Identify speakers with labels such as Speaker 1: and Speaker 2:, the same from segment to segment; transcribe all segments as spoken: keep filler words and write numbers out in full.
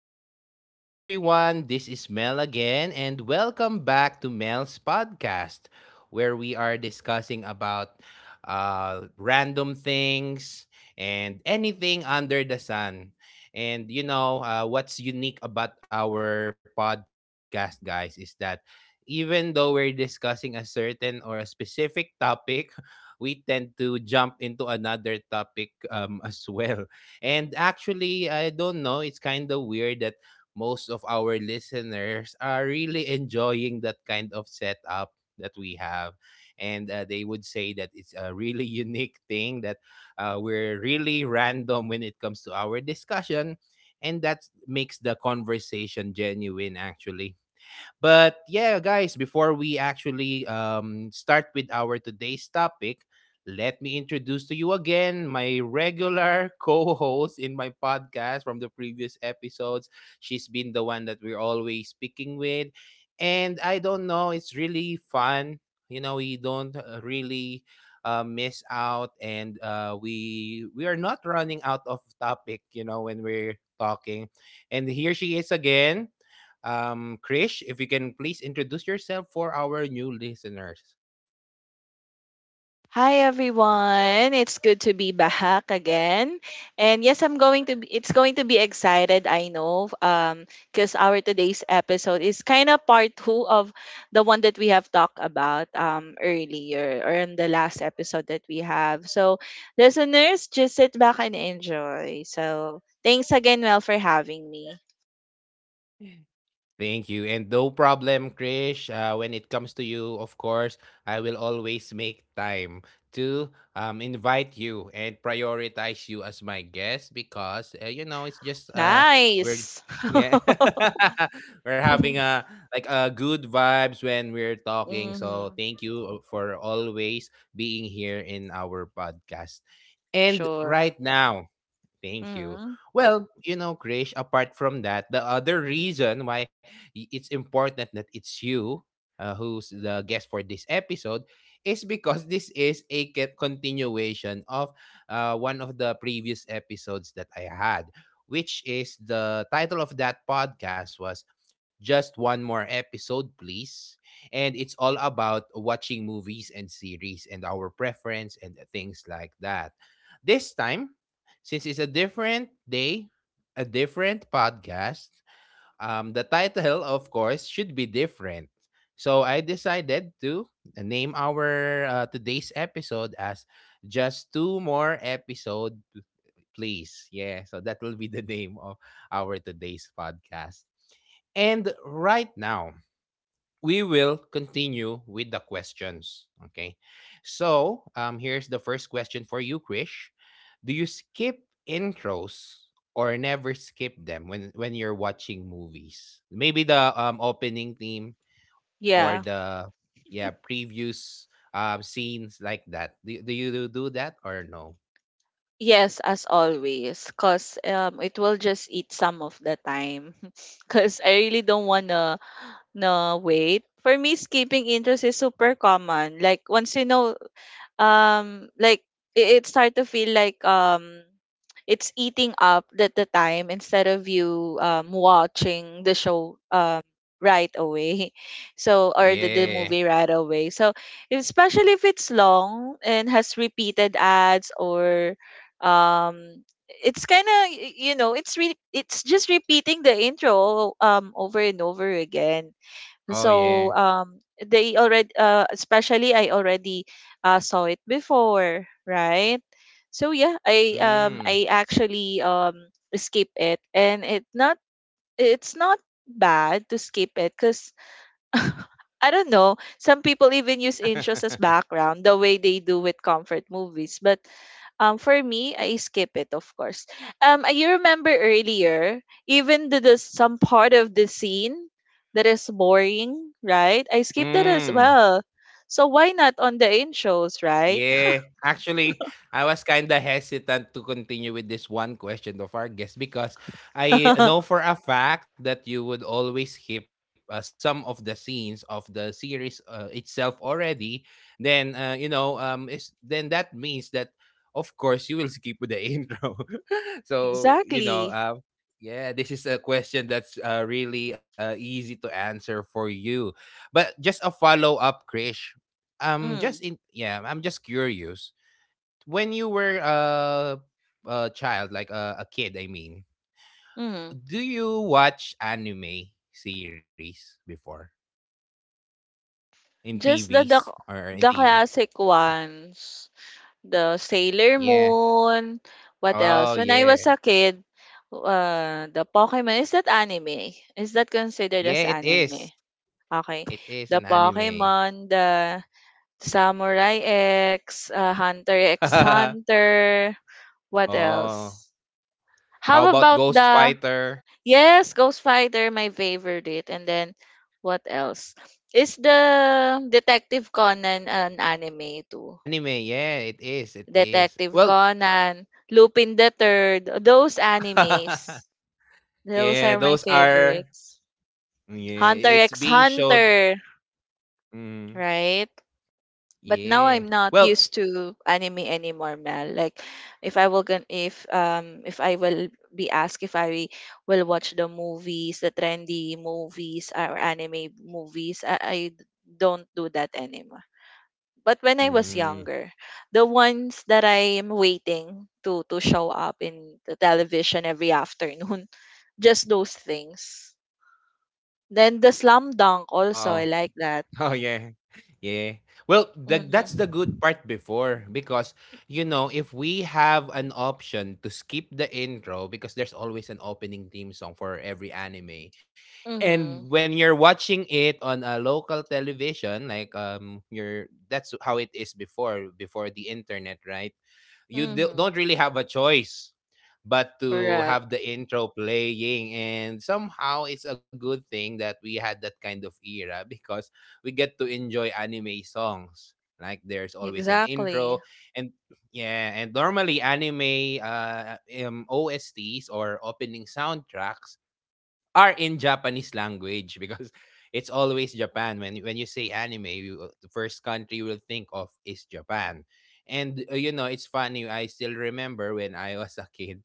Speaker 1: what's up, everyone? This is Mel again, and welcome back to Mel's podcast, where we are discussing about uh, random things and anything under the sun. And you know, uh, what's unique about our podcast, guys, is that even though we're discussing a certain or a specific topic, we tend to jump into another topic um, as well. And actually, I don't know, it's kind of weird that most of our listeners are really enjoying that kind of setup that we have. And uh, they would say that it's a really unique thing that uh, we're really random when it comes to our discussion. And that makes the conversation genuine, actually. But yeah, guys, before we actually um, start with our today's topic, let me introduce to you again my regular co-host in my podcast from the previous episodes. She's been the one that we're always speaking with. And I don't know, it's really fun. You know, we don't uh, really uh, miss out, and uh, we we are not running out of topic you know when we're talking, and here she is again. um, Krish, if you can please introduce yourself for our new listeners.
Speaker 2: Hi everyone. It's good to be back again. And yes, I'm going to be, it's going to be excited, I know, um because our today's episode is kind of part two of the one that we have talked about um earlier or in the last episode that we have. So, listeners, just sit back and enjoy. So, thanks again Mel for having me.
Speaker 1: Thank you. And no problem, Krish. Uh, when it comes to you, of course, I will always make time to um, invite you and prioritize you as my guest because, uh, you know, it's just uh, we're.
Speaker 2: Nice.
Speaker 1: Yeah, we're having a like a good vibes when we're talking. So
Speaker 2: Mhm.
Speaker 1: thank you uh, for always being here in our podcast. And
Speaker 2: Sure.
Speaker 1: right now, thank you.
Speaker 2: Mhm.
Speaker 1: Well, you know, Krish, apart from that, the other reason why y- it's important that it's you uh, who's the guest for this episode is because this is a ca- continuation of uh, one of the previous episodes that I had, which is the title of that podcast was Just One More Episode, Please. And it's all about watching movies and series and our preference and things like that. This time, since it's a different day, a different podcast, um, the title, of course, should be different. So I decided to uh, name our uh, today's episode as Just Two More Episode, Please. Yeah, so that will be the name of our today's podcast. And right now, we will continue with the questions. Okay. So um, here's the first question for you, Krish. Do you skip intros or never skip them when when you're watching movies? Maybe the um, opening theme or the yeah previous um, scenes like that. Do, do you do do that or no?
Speaker 2: Yes, as always, cause um it will just eat some of the time. Cause I really don't wanna no wait. For me, skipping interest is super common. Like once you know um like it, it start to feel like um it's eating up the, the time instead of you um watching the show um right away so or the, the
Speaker 1: Yeah.
Speaker 2: movie right away so especially if it's long and has repeated ads or um it's kind of you know it's re- it's just repeating the intro um over and over again
Speaker 1: Oh yeah.
Speaker 2: so um they already uh especially I already uh saw it before, right? So yeah, I um
Speaker 1: Mm.
Speaker 2: I actually um skip it and it not it's not bad to skip it because I don't know. Some people even use intros as background, the way they do with comfort movies. But um, for me, I skip it, of course. Um, I- you remember earlier, even the, the some part of the scene that is boring, right? I skip that as
Speaker 1: Mm.
Speaker 2: well. So why not on the in shows, right?
Speaker 1: Yeah, actually, I was kind of hesitant to continue with this one question of our guest because I know for a fact that you would always skip uh, some of the scenes of the series uh, itself already. Then, uh, you know, um, is then that means that, of course, you will skip with the intro. So, you know,
Speaker 2: Exactly.
Speaker 1: um, yeah, this is a question that's uh, really uh, easy to answer for you. But just a follow up, Krish. I'm just
Speaker 2: Mm,
Speaker 1: in yeah, I'm just curious. When you were a a child, like a, a kid, I mean,
Speaker 2: mm.
Speaker 1: do you watch anime series before in
Speaker 2: Just the,
Speaker 1: T Vs
Speaker 2: the
Speaker 1: or in
Speaker 2: the
Speaker 1: T V?
Speaker 2: classic ones, the Sailor
Speaker 1: Yeah.
Speaker 2: Moon. What
Speaker 1: Oh
Speaker 2: else? When I was
Speaker 1: yeah.
Speaker 2: a kid, uh, the Pokemon is that anime? Is that
Speaker 1: Yeah,
Speaker 2: considered
Speaker 1: it
Speaker 2: as
Speaker 1: is.
Speaker 2: anime?
Speaker 1: It
Speaker 2: Okay.
Speaker 1: is an
Speaker 2: The
Speaker 1: anime.
Speaker 2: Pokemon, the Samurai X, uh, Hunter X
Speaker 1: Oh.
Speaker 2: Hunter. What else?
Speaker 1: How
Speaker 2: How
Speaker 1: about
Speaker 2: about
Speaker 1: Ghost
Speaker 2: the
Speaker 1: Fighter?
Speaker 2: Yes, Ghost Fighter, my favorite. And then what else? Is the Detective Conan an anime too?
Speaker 1: Anime, yeah, it is. It is.
Speaker 2: Detective
Speaker 1: Well,
Speaker 2: Conan, Lupin the Third, those animes. Those
Speaker 1: yeah,
Speaker 2: are my
Speaker 1: those are
Speaker 2: favorites.
Speaker 1: yeah,
Speaker 2: Hunter
Speaker 1: it's
Speaker 2: X
Speaker 1: being showed.
Speaker 2: Hunter,
Speaker 1: Mm,
Speaker 2: right? But now
Speaker 1: yeah.
Speaker 2: I'm not
Speaker 1: Well,
Speaker 2: used to anime anymore, Mel. Like if I will gon- if um if I will be asked if I will watch the movies, the trendy movies or anime movies, I, I d- don't do that anymore. But when I was
Speaker 1: hmm,
Speaker 2: younger, the ones that I am waiting to to show up in the television every afternoon, just those things. Then the slam dunk also, I
Speaker 1: oh,
Speaker 2: like that.
Speaker 1: oh, yeah, yeah. Well, that that's the
Speaker 2: Mm-hmm.
Speaker 1: good part before because, you know, if we have an option to skip the intro because there's always an opening theme song for every anime. And
Speaker 2: Mm-hmm.
Speaker 1: when you're watching it on a local television, like um, you're that's how it is before before the internet, right? You do,
Speaker 2: Mm-hmm.
Speaker 1: don't really have a choice but to have the intro playing, and somehow it's a good thing that we had that kind of era because we get to enjoy anime songs. Like there's always an intro,
Speaker 2: Exactly.
Speaker 1: and yeah, and normally anime uh um, O S Ts or opening soundtracks are in Japanese language because it's always Japan. When when you say anime, you, the first country you will think of is Japan. And uh, you know, it's funny. I still remember when I was a kid.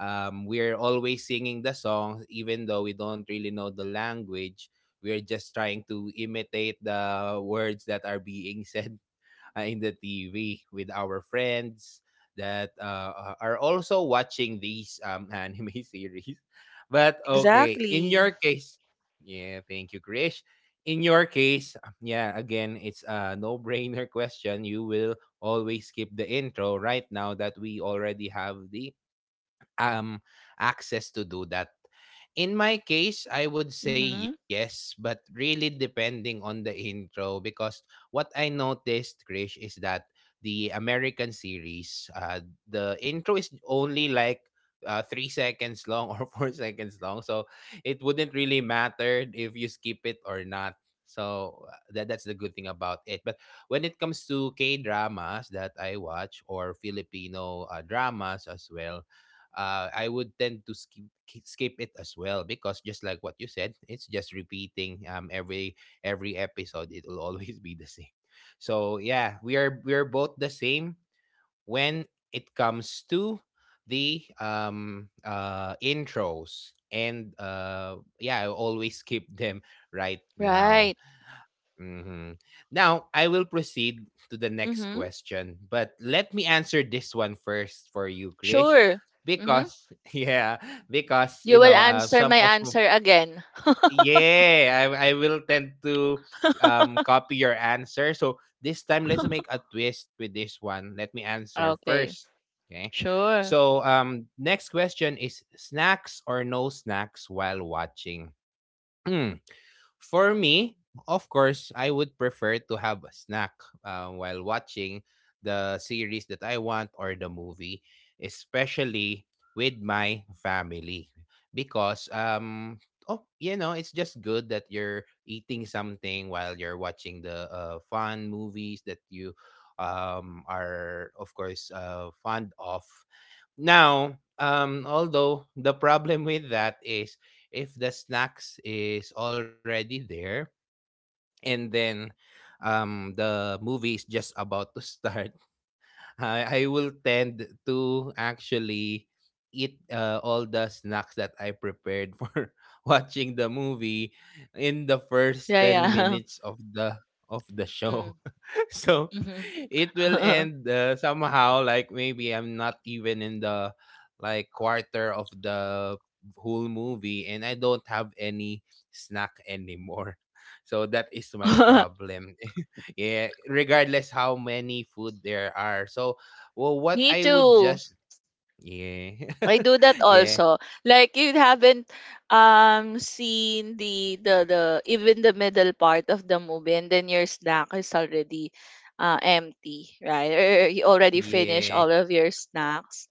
Speaker 1: Um, we're always singing the songs, even though we don't really know the language. We're just trying to imitate the words that are being said uh, in the T V with our friends that uh, are also watching these um, anime series. But okay, in
Speaker 2: Exactly.
Speaker 1: your case, yeah, thank you, Krish. In your case, um, yeah, again, it's a no brainer question. You will always skip the intro right now that we already have the um access to do that. In my case, I would say
Speaker 2: Mm-hmm.
Speaker 1: yes, but really depending on the intro because what I noticed, Krish, is that the American series, uh, the intro is only like uh, three seconds long or four seconds long, so it wouldn't really matter if you skip it or not. So uh, that that's the good thing about it. But when it comes to K dramas that I watch or Filipino uh, dramas as well, uh, I would tend to skip skip it as well because just like what you said, it's just repeating um every every episode. It will always be the same. So yeah, we are we are both the same when it comes to the um uh intros, and uh yeah, I always skip them right now.
Speaker 2: Right.
Speaker 1: Mhm. Now, I will proceed to the next
Speaker 2: Mm-hmm.
Speaker 1: question, but let me answer this one first for you, Krish,
Speaker 2: Sure. Mm-hmm.
Speaker 1: because yeah, because
Speaker 2: You
Speaker 1: you
Speaker 2: will
Speaker 1: know, uh,
Speaker 2: answer
Speaker 1: some
Speaker 2: my
Speaker 1: of
Speaker 2: answer again.
Speaker 1: yeah, I, I will tend to um copy your answer. So this time, let's make a twist with this one. Let me answer
Speaker 2: Okay.
Speaker 1: first. Okay.
Speaker 2: Sure.
Speaker 1: So um, next question is snacks or no snacks while watching. For me, of course, I would prefer to have a snack uh, while watching the series that I want or the movie, especially with my family. Because, um, oh, you know, it's just good that you're eating something while you're watching the uh, fun movies that you um, are, of course, uh, fond of. Now, um, although the problem with that is if the snacks is already there and then um, the movie is just about to start, I, I will tend to actually eat uh, all the snacks that I prepared for watching the movie in the first
Speaker 2: Yeah,
Speaker 1: ten
Speaker 2: yeah.
Speaker 1: minutes of the of the show,
Speaker 2: Mm,
Speaker 1: so
Speaker 2: mhm.
Speaker 1: it will end uh, somehow like maybe I'm not even in the like quarter of the whole movie and I don't have any snack anymore. So that is my problem. Yeah, regardless how many food there are, so well what
Speaker 2: Me
Speaker 1: I would
Speaker 2: too.
Speaker 1: just yeah
Speaker 2: I do that
Speaker 1: yeah
Speaker 2: also. Like you haven't um seen the the the even the middle part of the movie and then your snack is already uh empty, right? Or you already finished
Speaker 1: yeah
Speaker 2: all of your snacks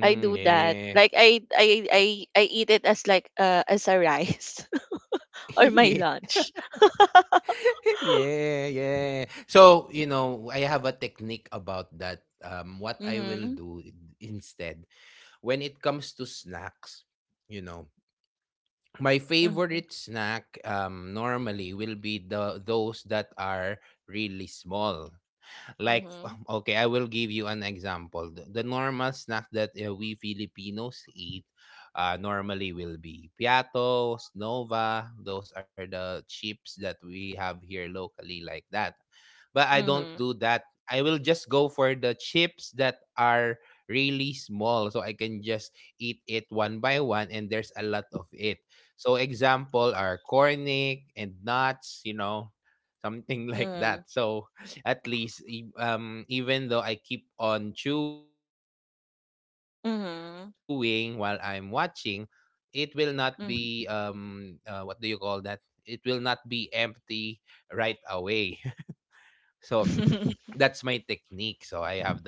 Speaker 2: I do that.
Speaker 1: yeah
Speaker 2: Like I I I I eat it as like uh as a rice or my
Speaker 1: yeah
Speaker 2: lunch.
Speaker 1: yeah, yeah. So, you know, I have a technique about that. Um, what I will
Speaker 2: Mhm.
Speaker 1: do in- instead when it comes to snacks, you know, my
Speaker 2: Mhm.
Speaker 1: favorite snack um normally will be the those that are really small, like,
Speaker 2: Mhm.
Speaker 1: okay, I will give you an example. The, the normal snack that uh, we Filipinos eat uh, normally will be piatos, nova. Those are the chips that we have here locally, like that. But I don't
Speaker 2: Mhm.
Speaker 1: do that. I will just go for the chips that are really small so I can just eat it one by one and there's a lot of it, so example are cornic and nuts, you know, something like
Speaker 2: Mhm.
Speaker 1: that. So at least e- um even though I keep on chewing while I'm watching, it
Speaker 2: Mhm.
Speaker 1: will not be um uh, what do you call
Speaker 2: Mhm.
Speaker 1: that? It will not be empty right away. So that's my technique. So I have the garlic cornic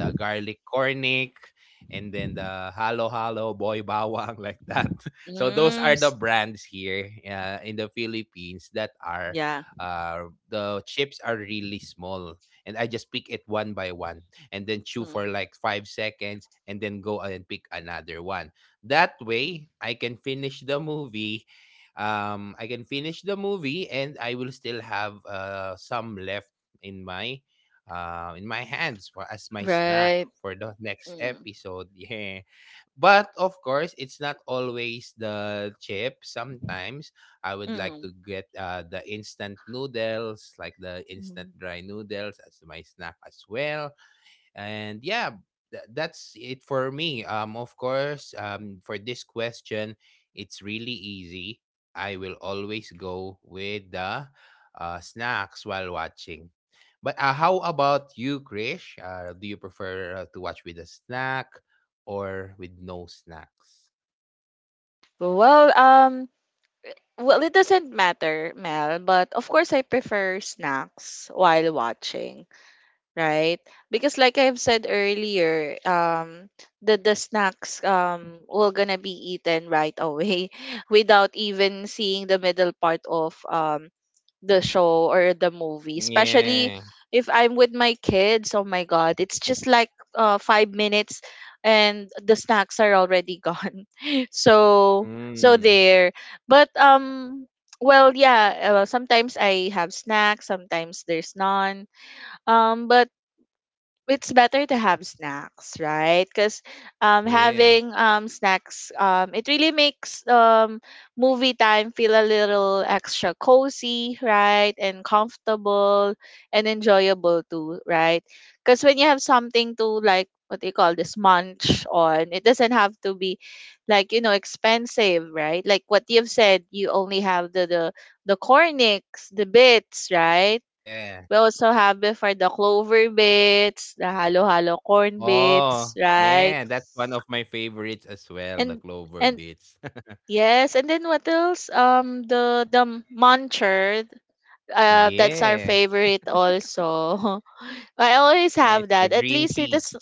Speaker 1: and then the halo halo boy bawang like that. So those are the brands
Speaker 2: Mm,
Speaker 1: here
Speaker 2: s-
Speaker 1: uh, in the Philippines that are uh,
Speaker 2: yeah.
Speaker 1: the chips are really small. And I just pick it one by one and then chew for like
Speaker 2: Mm.
Speaker 1: five seconds and then go and pick another one. That way,
Speaker 2: Mm.
Speaker 1: I can finish the movie um I can finish the movie and I will still have uh some left in my uh, in my hands for as my snack
Speaker 2: Right.
Speaker 1: for the next
Speaker 2: Mm.
Speaker 1: episode. Yeah. But of course, it's not always the chip. Sometimes I would like
Speaker 2: Mm.
Speaker 1: to get uh, the instant noodles, like the instant
Speaker 2: Mm.
Speaker 1: dry noodles as my snack as well. And yeah, tha- that's it for me. Um of course, um for this question, it's really easy. I will always go with the uh, snacks while watching. But uh, how about you, Krish? Uh, do you prefer uh, to watch with a snack or with no snacks?
Speaker 2: Well, um, well, it doesn't matter, Mel, but of course I prefer snacks while watching, right? Because like I've said earlier, um, the the snacks um will gonna be eaten right away without even seeing the middle part of um the show or the movie. Especially
Speaker 1: Yeah.
Speaker 2: if I'm with my kids, oh my god, it's just like uh five minutes and the snacks are already gone. So so
Speaker 1: Mm,
Speaker 2: there. But um well yeah, uh, sometimes I have snacks, sometimes there's none. Um, but it's better to have snacks, right? Because um,
Speaker 1: yeah,
Speaker 2: having um, snacks, um, it really makes um, movie time feel a little extra cozy, right? And comfortable and enjoyable too, right? Because when you have something to like, what do you call this, munch on, it doesn't have to be like, you know, expensive, right? Like what you've said, you only have the, the, the cornix, the bits, right?
Speaker 1: yeah.
Speaker 2: We also have before the clover bits, the halo-halo corn
Speaker 1: Oh
Speaker 2: bits, right?
Speaker 1: yeah, that's one of my favorites as well, the
Speaker 2: And
Speaker 1: clover
Speaker 2: and
Speaker 1: bits
Speaker 2: yes, and then what else? Um, the the muncher, uh, that's our
Speaker 1: yeah.
Speaker 2: favorite also. I always
Speaker 1: Yes,
Speaker 2: have
Speaker 1: the
Speaker 2: that. At
Speaker 1: green
Speaker 2: least it
Speaker 1: peas.
Speaker 2: is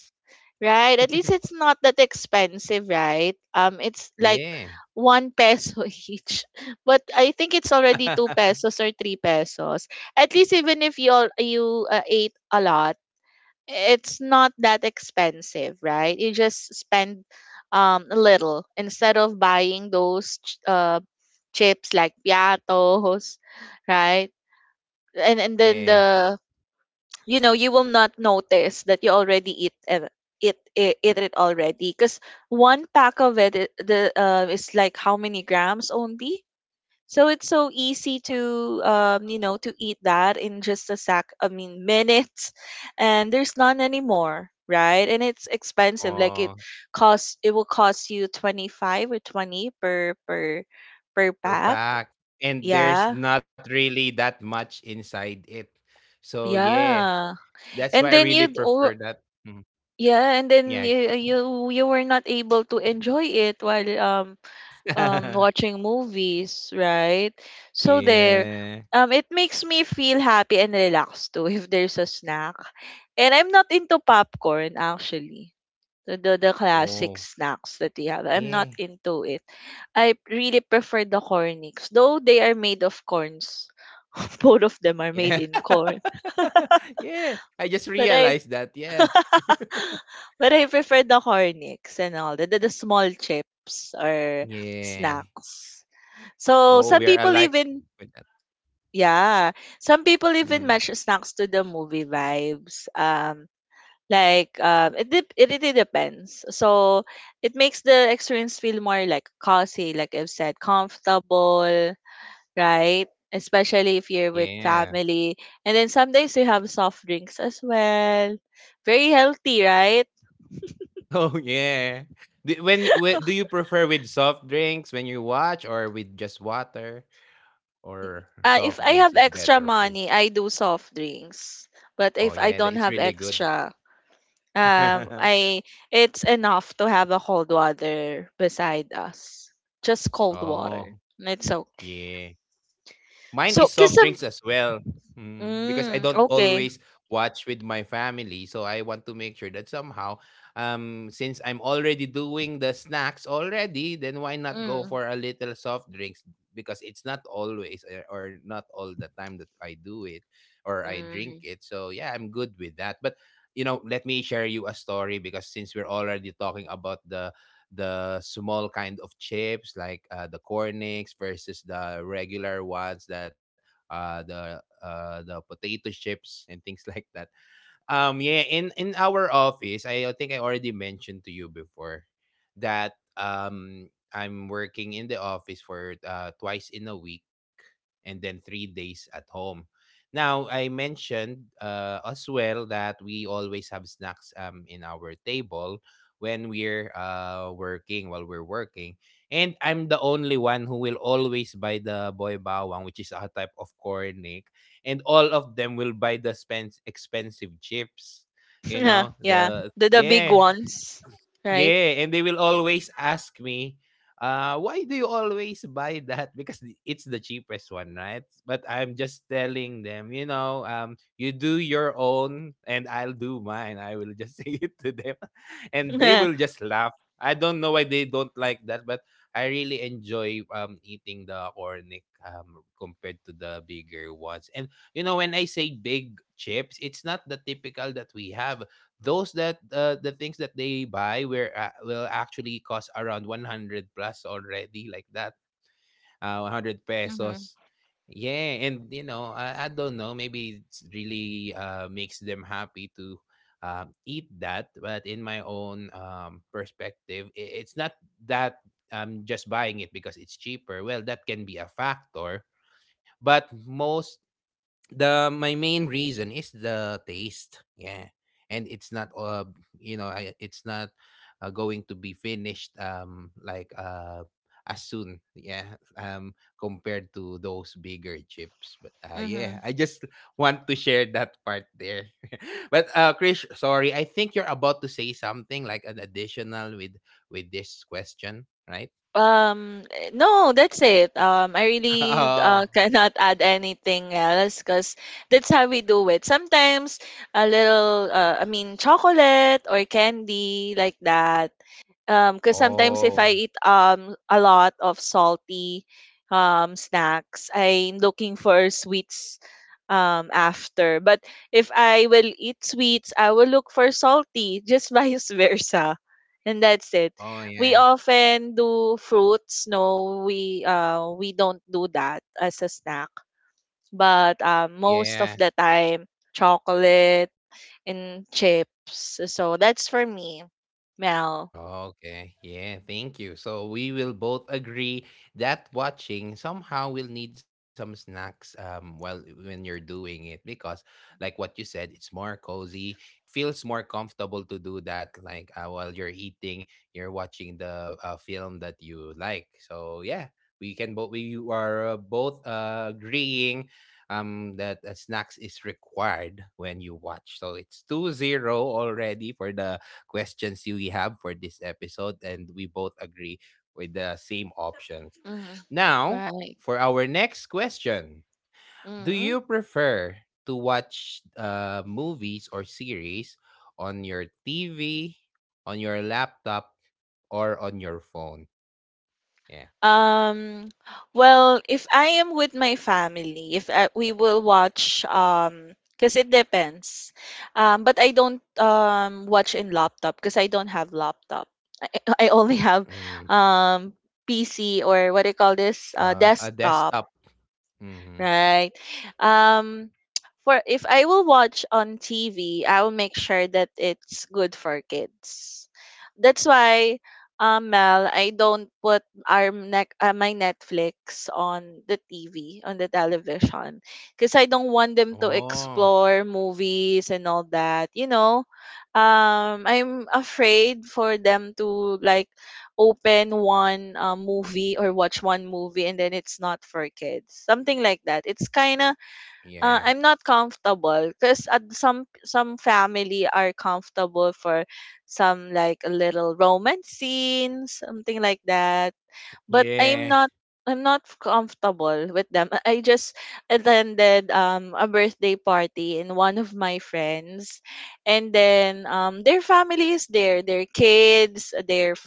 Speaker 2: right. At least it's not that expensive, right? Um, it's like
Speaker 1: Yeah.
Speaker 2: one peso each, but I think it's already two pesos or three pesos. At least even if you all you uh, ate a lot it's not that expensive, right? You just spend um a little instead of buying those ch- uh chips like piatos, right? And and then
Speaker 1: Yeah.
Speaker 2: the you know you will not notice that you already eat it it it, eat it already because one pack of it I- the uh is like how many grams only? So it's so easy to um, you know to eat that in just a sack. I mean minutes, and there's none anymore, right? And it's expensive. Like it
Speaker 1: Oh,
Speaker 2: costs it will cost you twenty five or twenty per per per
Speaker 1: per
Speaker 2: pack.
Speaker 1: pack. And
Speaker 2: Yeah,
Speaker 1: there's not really that much inside it. So yeah,
Speaker 2: yeah.
Speaker 1: that's why
Speaker 2: And
Speaker 1: I
Speaker 2: then
Speaker 1: really
Speaker 2: you oh
Speaker 1: prefer that. Mhm.
Speaker 2: yeah, and then
Speaker 1: Yeah.
Speaker 2: you you you were not able to enjoy it while um um watching movies, right? So there
Speaker 1: Yeah.
Speaker 2: um it makes me feel happy and relaxed too if there's a snack. And I'm not into popcorn actually. The, the the classic
Speaker 1: Oh,
Speaker 2: snacks that we have. I'm not
Speaker 1: yeah.
Speaker 2: into it. I really prefer the cornix. Though they are made of corns. Both of them are
Speaker 1: Yeah.
Speaker 2: made in corn.
Speaker 1: Yeah. I just
Speaker 2: But I
Speaker 1: realized that. Yeah.
Speaker 2: but I prefer the cornix and all the, the, the small chips or
Speaker 1: Yeah.
Speaker 2: snacks. So
Speaker 1: Oh,
Speaker 2: some
Speaker 1: we're
Speaker 2: people
Speaker 1: alike
Speaker 2: even
Speaker 1: with that.
Speaker 2: yeah, some people
Speaker 1: Mhm.
Speaker 2: even match snacks to the movie vibes. Um, like um, it dep- it really depends. So it makes the experience feel more like cozy, like I've said, comfortable, right? Especially if you're with
Speaker 1: Yeah.
Speaker 2: family, and then some days you have soft drinks as well. Very healthy, right?
Speaker 1: Oh yeah. Do, when, you- whe- do you prefer with soft drinks when you watch, or with just water, or
Speaker 2: Uh, if
Speaker 1: soft
Speaker 2: I
Speaker 1: drinks
Speaker 2: have
Speaker 1: is
Speaker 2: extra
Speaker 1: better for you?
Speaker 2: money, I do soft drinks. But
Speaker 1: Oh
Speaker 2: if I
Speaker 1: yeah, that
Speaker 2: don't
Speaker 1: it's
Speaker 2: have
Speaker 1: really good.
Speaker 2: extra, um, I it's enough to have a cold water beside us. Just cold water.
Speaker 1: Oh
Speaker 2: And it's okay.
Speaker 1: yeah. Mine
Speaker 2: So,
Speaker 1: is
Speaker 2: cause
Speaker 1: soft
Speaker 2: some.
Speaker 1: drinks as well. Mm, because I
Speaker 2: Mm,
Speaker 1: don't
Speaker 2: okay.
Speaker 1: always watch with my family, so I want to make sure that somehow, um, since I'm already doing the snacks already, then why not go
Speaker 2: Mm,
Speaker 1: for a little soft drinks? Because it's not always uh, or not all the time that I do it or I drink
Speaker 2: mm.
Speaker 1: it. So yeah, I'm good with that. But you know, let me share you a story, because since we're already talking about the the small kind of chips, like uh, the cornix versus the regular ones, that uh, the uh, the potato chips and things like that. Um, yeah, in in our office, I think I already mentioned to you before that um I'm working in the office for uh, twice in a week, and then three days at home. Now, I mentioned uh, as well that we always have snacks um in our table when we're uh working while we're working. And I'm the only one who will always buy the boy bawang, which is a type of corn, eh, and all of them will buy the spens expensive chips. You
Speaker 2: Yeah,
Speaker 1: know,
Speaker 2: yeah.
Speaker 1: the
Speaker 2: The the big
Speaker 1: yeah,
Speaker 2: ones, right?
Speaker 1: yeah, and they will always ask me, uh, why do you always buy that? Because the- it's the cheapest one, right? But I'm just telling them, you know, um, you do your own and I'll do mine. I will just say it to them. And they
Speaker 2: Mm-hmm,
Speaker 1: will just laugh. I don't know why they don't like that, but I really enjoy um eating the ornic um compared to the bigger ones. And you know, when I say big chips, it's not the typical that we have. Those that uh, the things that they buy were uh, will actually cost around one hundred plus already, like that uh, one hundred pesos, yeah. And you know, I, I don't know, maybe it's really uh, makes them happy to um, eat that, but in my own um, perspective, i- it's not that. I'm just buying it because it's cheaper, well, that can be a factor, but most the my main reason is the taste, yeah. And it's not uh you know, I, it's not uh, going to be finished um like uh as soon, yeah, um compared to those bigger chips. But uh
Speaker 2: mm-hmm.
Speaker 1: yeah, I just want to share that part there. But uh Krish, sorry, I think you're about to say something like an additional with with this question, right?
Speaker 2: Um, eh, no, that's it. Um, I really uh,
Speaker 1: Oh,
Speaker 2: cannot add anything else because that's how we do it. Sometimes a little, uh, I mean, chocolate or candy like that. Um, because sometimes if
Speaker 1: oh,
Speaker 2: I eat um a lot of salty um snacks, I'm looking for sweets um after. But if I will eat sweets, I will look for salty, just vice versa. And that's it.
Speaker 1: oh
Speaker 2: We
Speaker 1: yeah,
Speaker 2: often do fruits. No, we uh we don't do that as a snack. But um most of
Speaker 1: yeah.
Speaker 2: the time, chocolate and chips. So that's for me, Mel.
Speaker 1: Okay, yeah, thank you. So we will both agree that watching somehow will need some snacks um while when you're doing it, because like what you said, it's more cozy, feels more comfortable to do that, like uh, while you're eating, you're watching the uh, film that you like. So yeah, we can both we are uh, both uh, agreeing um that uh, snacks is required when you watch. So it's two zero already for the questions we have for this episode, and we both agree with the same options.
Speaker 2: Hmm.
Speaker 1: Now,
Speaker 2: Right.
Speaker 1: for our next question, do
Speaker 2: Hmm.
Speaker 1: you prefer to watch uh, movies or series on your T V, on your laptop, or on your phone? Yeah.
Speaker 2: Um, well, if I am with my family, if I, we will watch, um, because it depends. Um, but I don't um watch in laptop because I don't have laptop. I, I only have
Speaker 1: Mm,
Speaker 2: um P C or what do you call this? Uh,
Speaker 1: uh, a
Speaker 2: desktop.
Speaker 1: desktop. Mm-hmm.
Speaker 2: Right. Um for if I will watch on T V, I will make sure that it's good for kids. That's why um Mel, I don't put our nec- uh, my Netflix on the T V, on the television because I don't want them to
Speaker 1: Oh,
Speaker 2: explore movies and all that, you know. Um I'm afraid for them to like open one um, movie or watch one movie and then it's not for kids something like that it's kind of
Speaker 1: yeah.
Speaker 2: uh, I'm not comfortable because uh, some some family are comfortable for some like a little romance scene something like that but I'm
Speaker 1: Yeah.
Speaker 2: not i'm not comfortable with them I I just attended um, a birthday party in one of my friends and then um, their family is there their kids their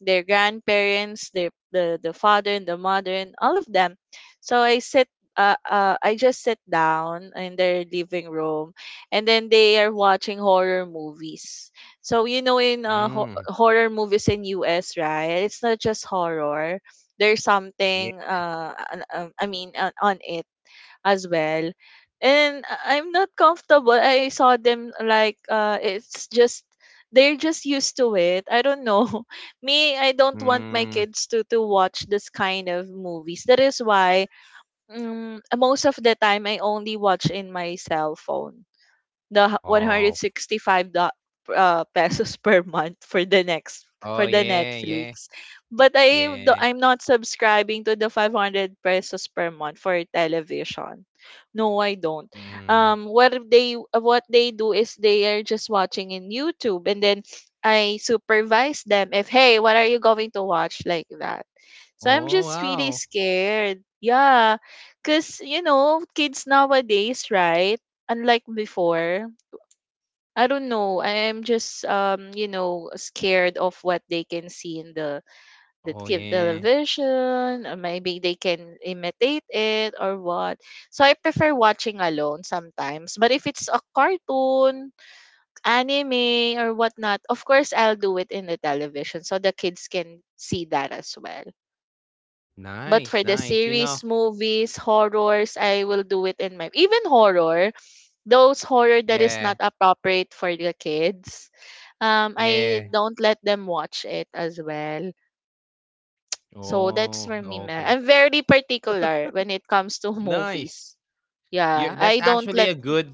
Speaker 2: their grandparents, their the the father and the mother and all of them. So I sit uh, uh I just sit down in their living room and then they are watching horror movies. So you know in uh, ho-
Speaker 1: Mm,
Speaker 2: horror movies in U S, right? It's not just horror. There's
Speaker 1: yeah.
Speaker 2: something uh an- um, I mean on, on it as well. And I- I'm not comfortable. I saw them like uh it's just they're just used to it. I don't know. Me, I don't want my
Speaker 1: Mm.
Speaker 2: kids to to watch this kind of movies. That is why um, most of the time I only watch in my cell phone the h-
Speaker 1: Oh,
Speaker 2: 165 do- uh, pesos per month for the next
Speaker 1: oh,
Speaker 2: for the
Speaker 1: yeah, yeah,
Speaker 2: Netflix. But I
Speaker 1: yeah.
Speaker 2: do- I'm not subscribing to the five hundred pesos per month for television. No, I don't.
Speaker 1: Mm.
Speaker 2: Um what they what they do is they are just watching in YouTube and then I supervise them if hey, what are you going to watch like that? So I'm
Speaker 1: Oh,
Speaker 2: just really
Speaker 1: wow.
Speaker 2: scared. Yeah, cuz you know, kids nowadays, right? Unlike before, I don't know. I am just um, you know, scared of what they can see in the the
Speaker 1: Oh,
Speaker 2: te-
Speaker 1: yeah.
Speaker 2: television, or maybe they can imitate it or what. So I prefer watching alone sometimes. But if it's a cartoon, anime or whatnot, of course I'll do it in the television so the kids can see that as well. But
Speaker 1: Nice,
Speaker 2: for the
Speaker 1: nice. You know,
Speaker 2: series, movies, horrors, I will do it in my even horror, those horror that is
Speaker 1: yeah,
Speaker 2: not appropriate for the kids. um, I
Speaker 1: yeah.
Speaker 2: don't let them watch it as well. So that's
Speaker 1: Oh,
Speaker 2: for me, Mel.
Speaker 1: okay.
Speaker 2: I'm very particular when it comes to
Speaker 1: Nice.
Speaker 2: movies.
Speaker 1: You
Speaker 2: Yeah,
Speaker 1: that's
Speaker 2: I don't
Speaker 1: actually
Speaker 2: let.
Speaker 1: a good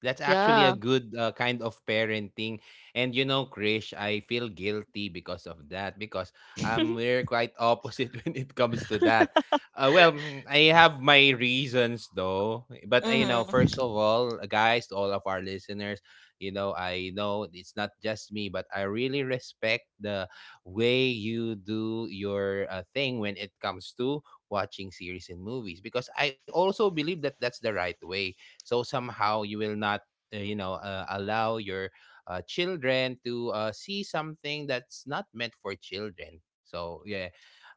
Speaker 1: That's actually a
Speaker 2: Yeah.
Speaker 1: good uh, kind of parenting. And you know, Krish, I feel guilty because of that, because um we're quite opposite when it comes to that. Uh, well, mm, I have my reasons, though. But uh, you know, first of
Speaker 2: Mm-hmm.
Speaker 1: all, uh, guys, to all of our listeners, you know, I know it's not just me, but I really respect the way you do your uh, thing when it comes to watching series and movies, because I also believe that that's the right way, so somehow you will not uh, you know, uh, allow your uh, children to uh, see something that's not meant for children. So yeah,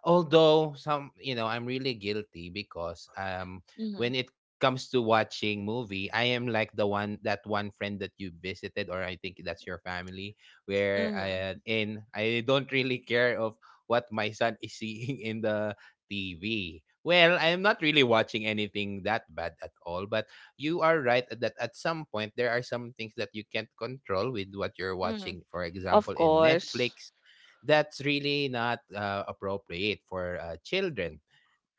Speaker 1: although, some, you know, I'm really guilty because um
Speaker 2: Mm-hmm.
Speaker 1: when it comes to watching movie, I am like the one that one friend that you visited, or I think that's your family, where
Speaker 2: Mm-hmm.
Speaker 1: i and I don't really care of what my son is seeing in the TV. Well, I'm not really watching anything that bad at all, but you are right that at some point there are some things that you can't control with what you're
Speaker 2: Mm-hmm.
Speaker 1: watching. For
Speaker 2: Of
Speaker 1: example, in
Speaker 2: course.
Speaker 1: Netflix, that's really not uh, appropriate for uh, children.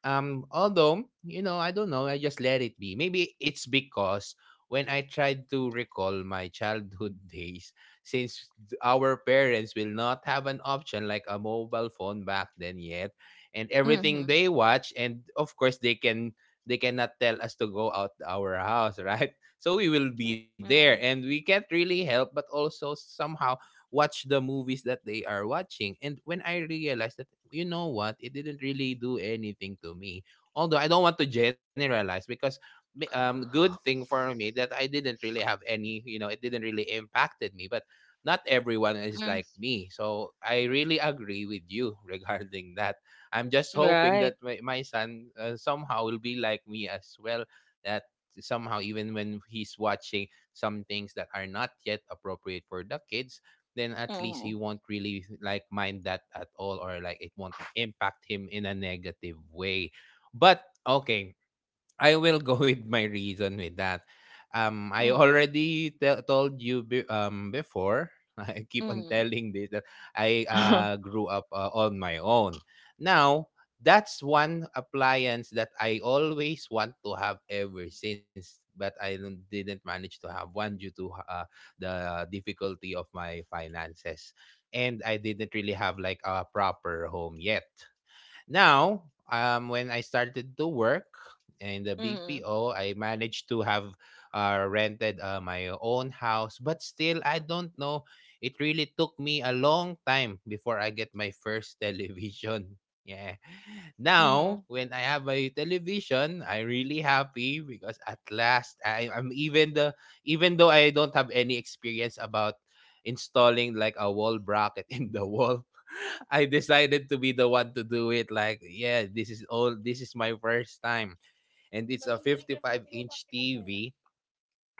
Speaker 1: Um, although, you know, I don't know, I just let it be. Maybe it's because when I tried to recall my childhood days, since our parents will not have an option like a mobile phone back then yet, and
Speaker 2: Mm-hmm.
Speaker 1: everything they watch, and of course they can they cannot tell us to go out our house, right? So we will be there
Speaker 2: Mm-hmm.
Speaker 1: and we can't really help, but also somehow watch the movies that they are watching. And when I realized that, you know what, it didn't really do anything to me. Although I don't want to generalize, because may- um, good thing for me that I didn't really have any, you know, it didn't really impacted me. But not everyone is like me, so I really agree with you regarding that. I'm just hoping that
Speaker 2: Right.
Speaker 1: my, my son uh, somehow will be like me as well. That somehow, even when he's watching some things that are not yet appropriate for the kids, then at least he
Speaker 2: Mm-hmm.
Speaker 1: won't really like mind that at all, or like it won't impact him in a negative way. But okay, I will go with my reason with that. Um, I
Speaker 2: Mm-hmm.
Speaker 1: already te- told you be- um before. I keep on telling this that I
Speaker 2: Mm-hmm.
Speaker 1: uh, grew up uh, on my own. Now, that's one appliance that I always want to have ever since, but I don't, didn't manage to have one due to uh, the difficulty of my finances, and I didn't really have like a proper home yet. Now, um, when I started to work in the B P O, I managed to have uh, rented uh, my own house, but still, I don't know. It really took me a long time before I get my first television. Yeah.
Speaker 2: Mm-hmm.
Speaker 1: Now, when I have my television, I'm really happy, because at last I, I'm even the even though I don't have any experience about installing like a wall bracket in the wall, I decided to be the one to do it. Like, yeah, this is all. This is my first time, and it's a fifty-five inch T V.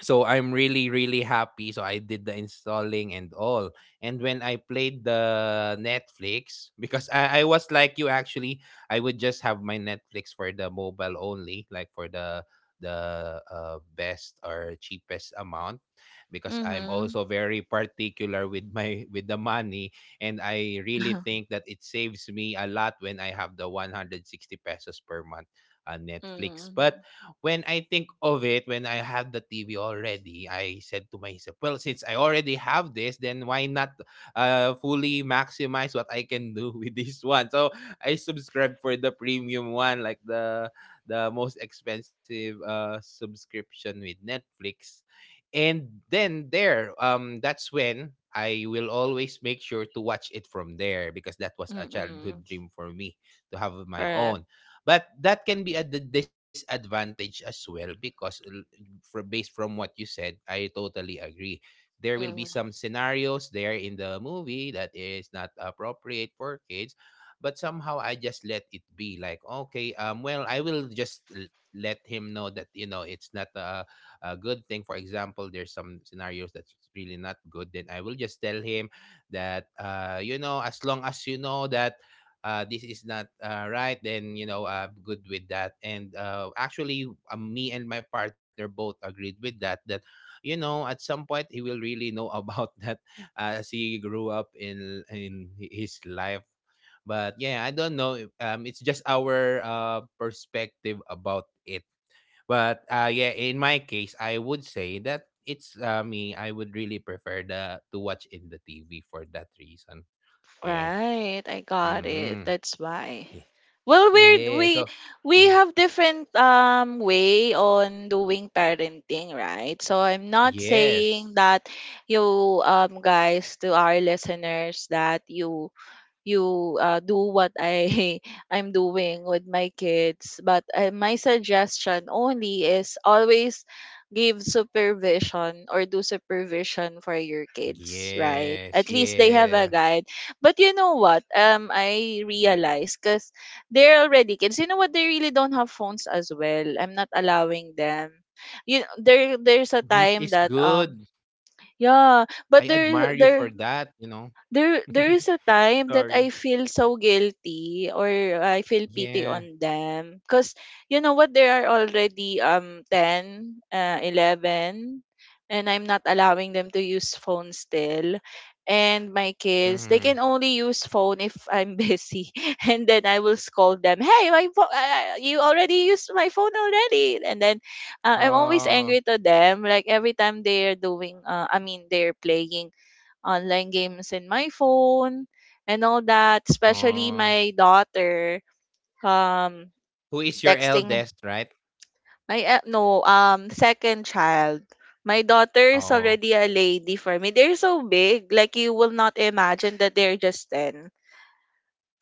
Speaker 1: So I'm really really happy. So I did the installing and all. And when I played the Netflix, because I, I was like you actually, I would just have my Netflix for the mobile only, like for the the uh, best or cheapest amount, because I'm
Speaker 2: Mm-hmm.
Speaker 1: also very particular with my with the money, and I really think that it saves me a lot when I have the one sixty pesos per month uh, Netflix.
Speaker 2: Mm-hmm.
Speaker 1: But when I think of it, when I had the T V already, I said to myself, well, since I already have this, then why not uh, fully maximize what I can do with this one? So I subscribed for the premium one, like the the most expensive uh, subscription with Netflix. And then there, um, that's when I will always make sure to watch it from there, because that was a
Speaker 2: Mm-hmm.
Speaker 1: childhood dream for me, to have my
Speaker 2: Correct.
Speaker 1: own. But that can be a d- disadvantage as well, because l- from based from what you said, I totally agree. There will be some
Speaker 2: Mm-hmm.
Speaker 1: scenarios there in the movie that is not appropriate for kids, but somehow I just let it be, like, okay, um well, I will just l- let him know that, you know, it's not a, a good thing. For example, there's some scenarios that's really not good, then I will just tell him that uh you know, as long as you know that uh, this is not uh, right, then you know, I'm good with that. And uh, actually, uh, me and my partner both agreed with that. That you know, at some point he will really know about that uh, as he grew up in in hi- his life. But yeah, I don't know. If- Um, it's just our uh, perspective about it. But uh, yeah, in my case, I would say that it's uh, me. I would really prefer the to watch in the T V for that reason. Yeah.
Speaker 2: Right, I got it.
Speaker 1: Mm-hmm.
Speaker 2: That's why. Well, we're
Speaker 1: Yeah,
Speaker 2: we
Speaker 1: so.
Speaker 2: we
Speaker 1: Mhm.
Speaker 2: have different um way on doing parenting, right? So I'm not saying
Speaker 1: Yes.
Speaker 2: that you um guys, to our listeners, that you you uh, do what I I'm doing with my kids. But uh, my suggestion only is always give supervision or do supervision for your kids, right?
Speaker 1: Yes,
Speaker 2: At least they have a
Speaker 1: yeah.
Speaker 2: guide. But you know what? Um, I realized because they're already kids. You know what? They really don't have phones as well. I'm not allowing them. You there
Speaker 1: Which
Speaker 2: there's
Speaker 1: is
Speaker 2: a time
Speaker 1: good.
Speaker 2: that um
Speaker 1: I
Speaker 2: Yeah,
Speaker 1: admire you
Speaker 2: but
Speaker 1: for
Speaker 2: there
Speaker 1: that,
Speaker 2: there
Speaker 1: you know?
Speaker 2: there there is a
Speaker 1: Sorry.
Speaker 2: time that I feel so guilty, or I feel pity
Speaker 1: Yeah.
Speaker 2: on them because you know what, they are already um ten uh, eleven, and I'm not allowing them to use phone still, and my kids, they
Speaker 1: Mhm.
Speaker 2: can only use phone if I'm busy. And then I will scold them, hey, my pho- uh, uh, you already used my phone already. And then uh, I'm always
Speaker 1: Oh,
Speaker 2: angry to them, like every time they're doing, uh, I mean, they're playing online games in my phone and all that. Especially
Speaker 1: oh.
Speaker 2: my daughter, um
Speaker 1: Who is your
Speaker 2: texting
Speaker 1: eldest, right?
Speaker 2: my uh, no, um second child. My daughter is
Speaker 1: Oh.
Speaker 2: already a lady for me. They're so big, like you will not imagine that they're just ten.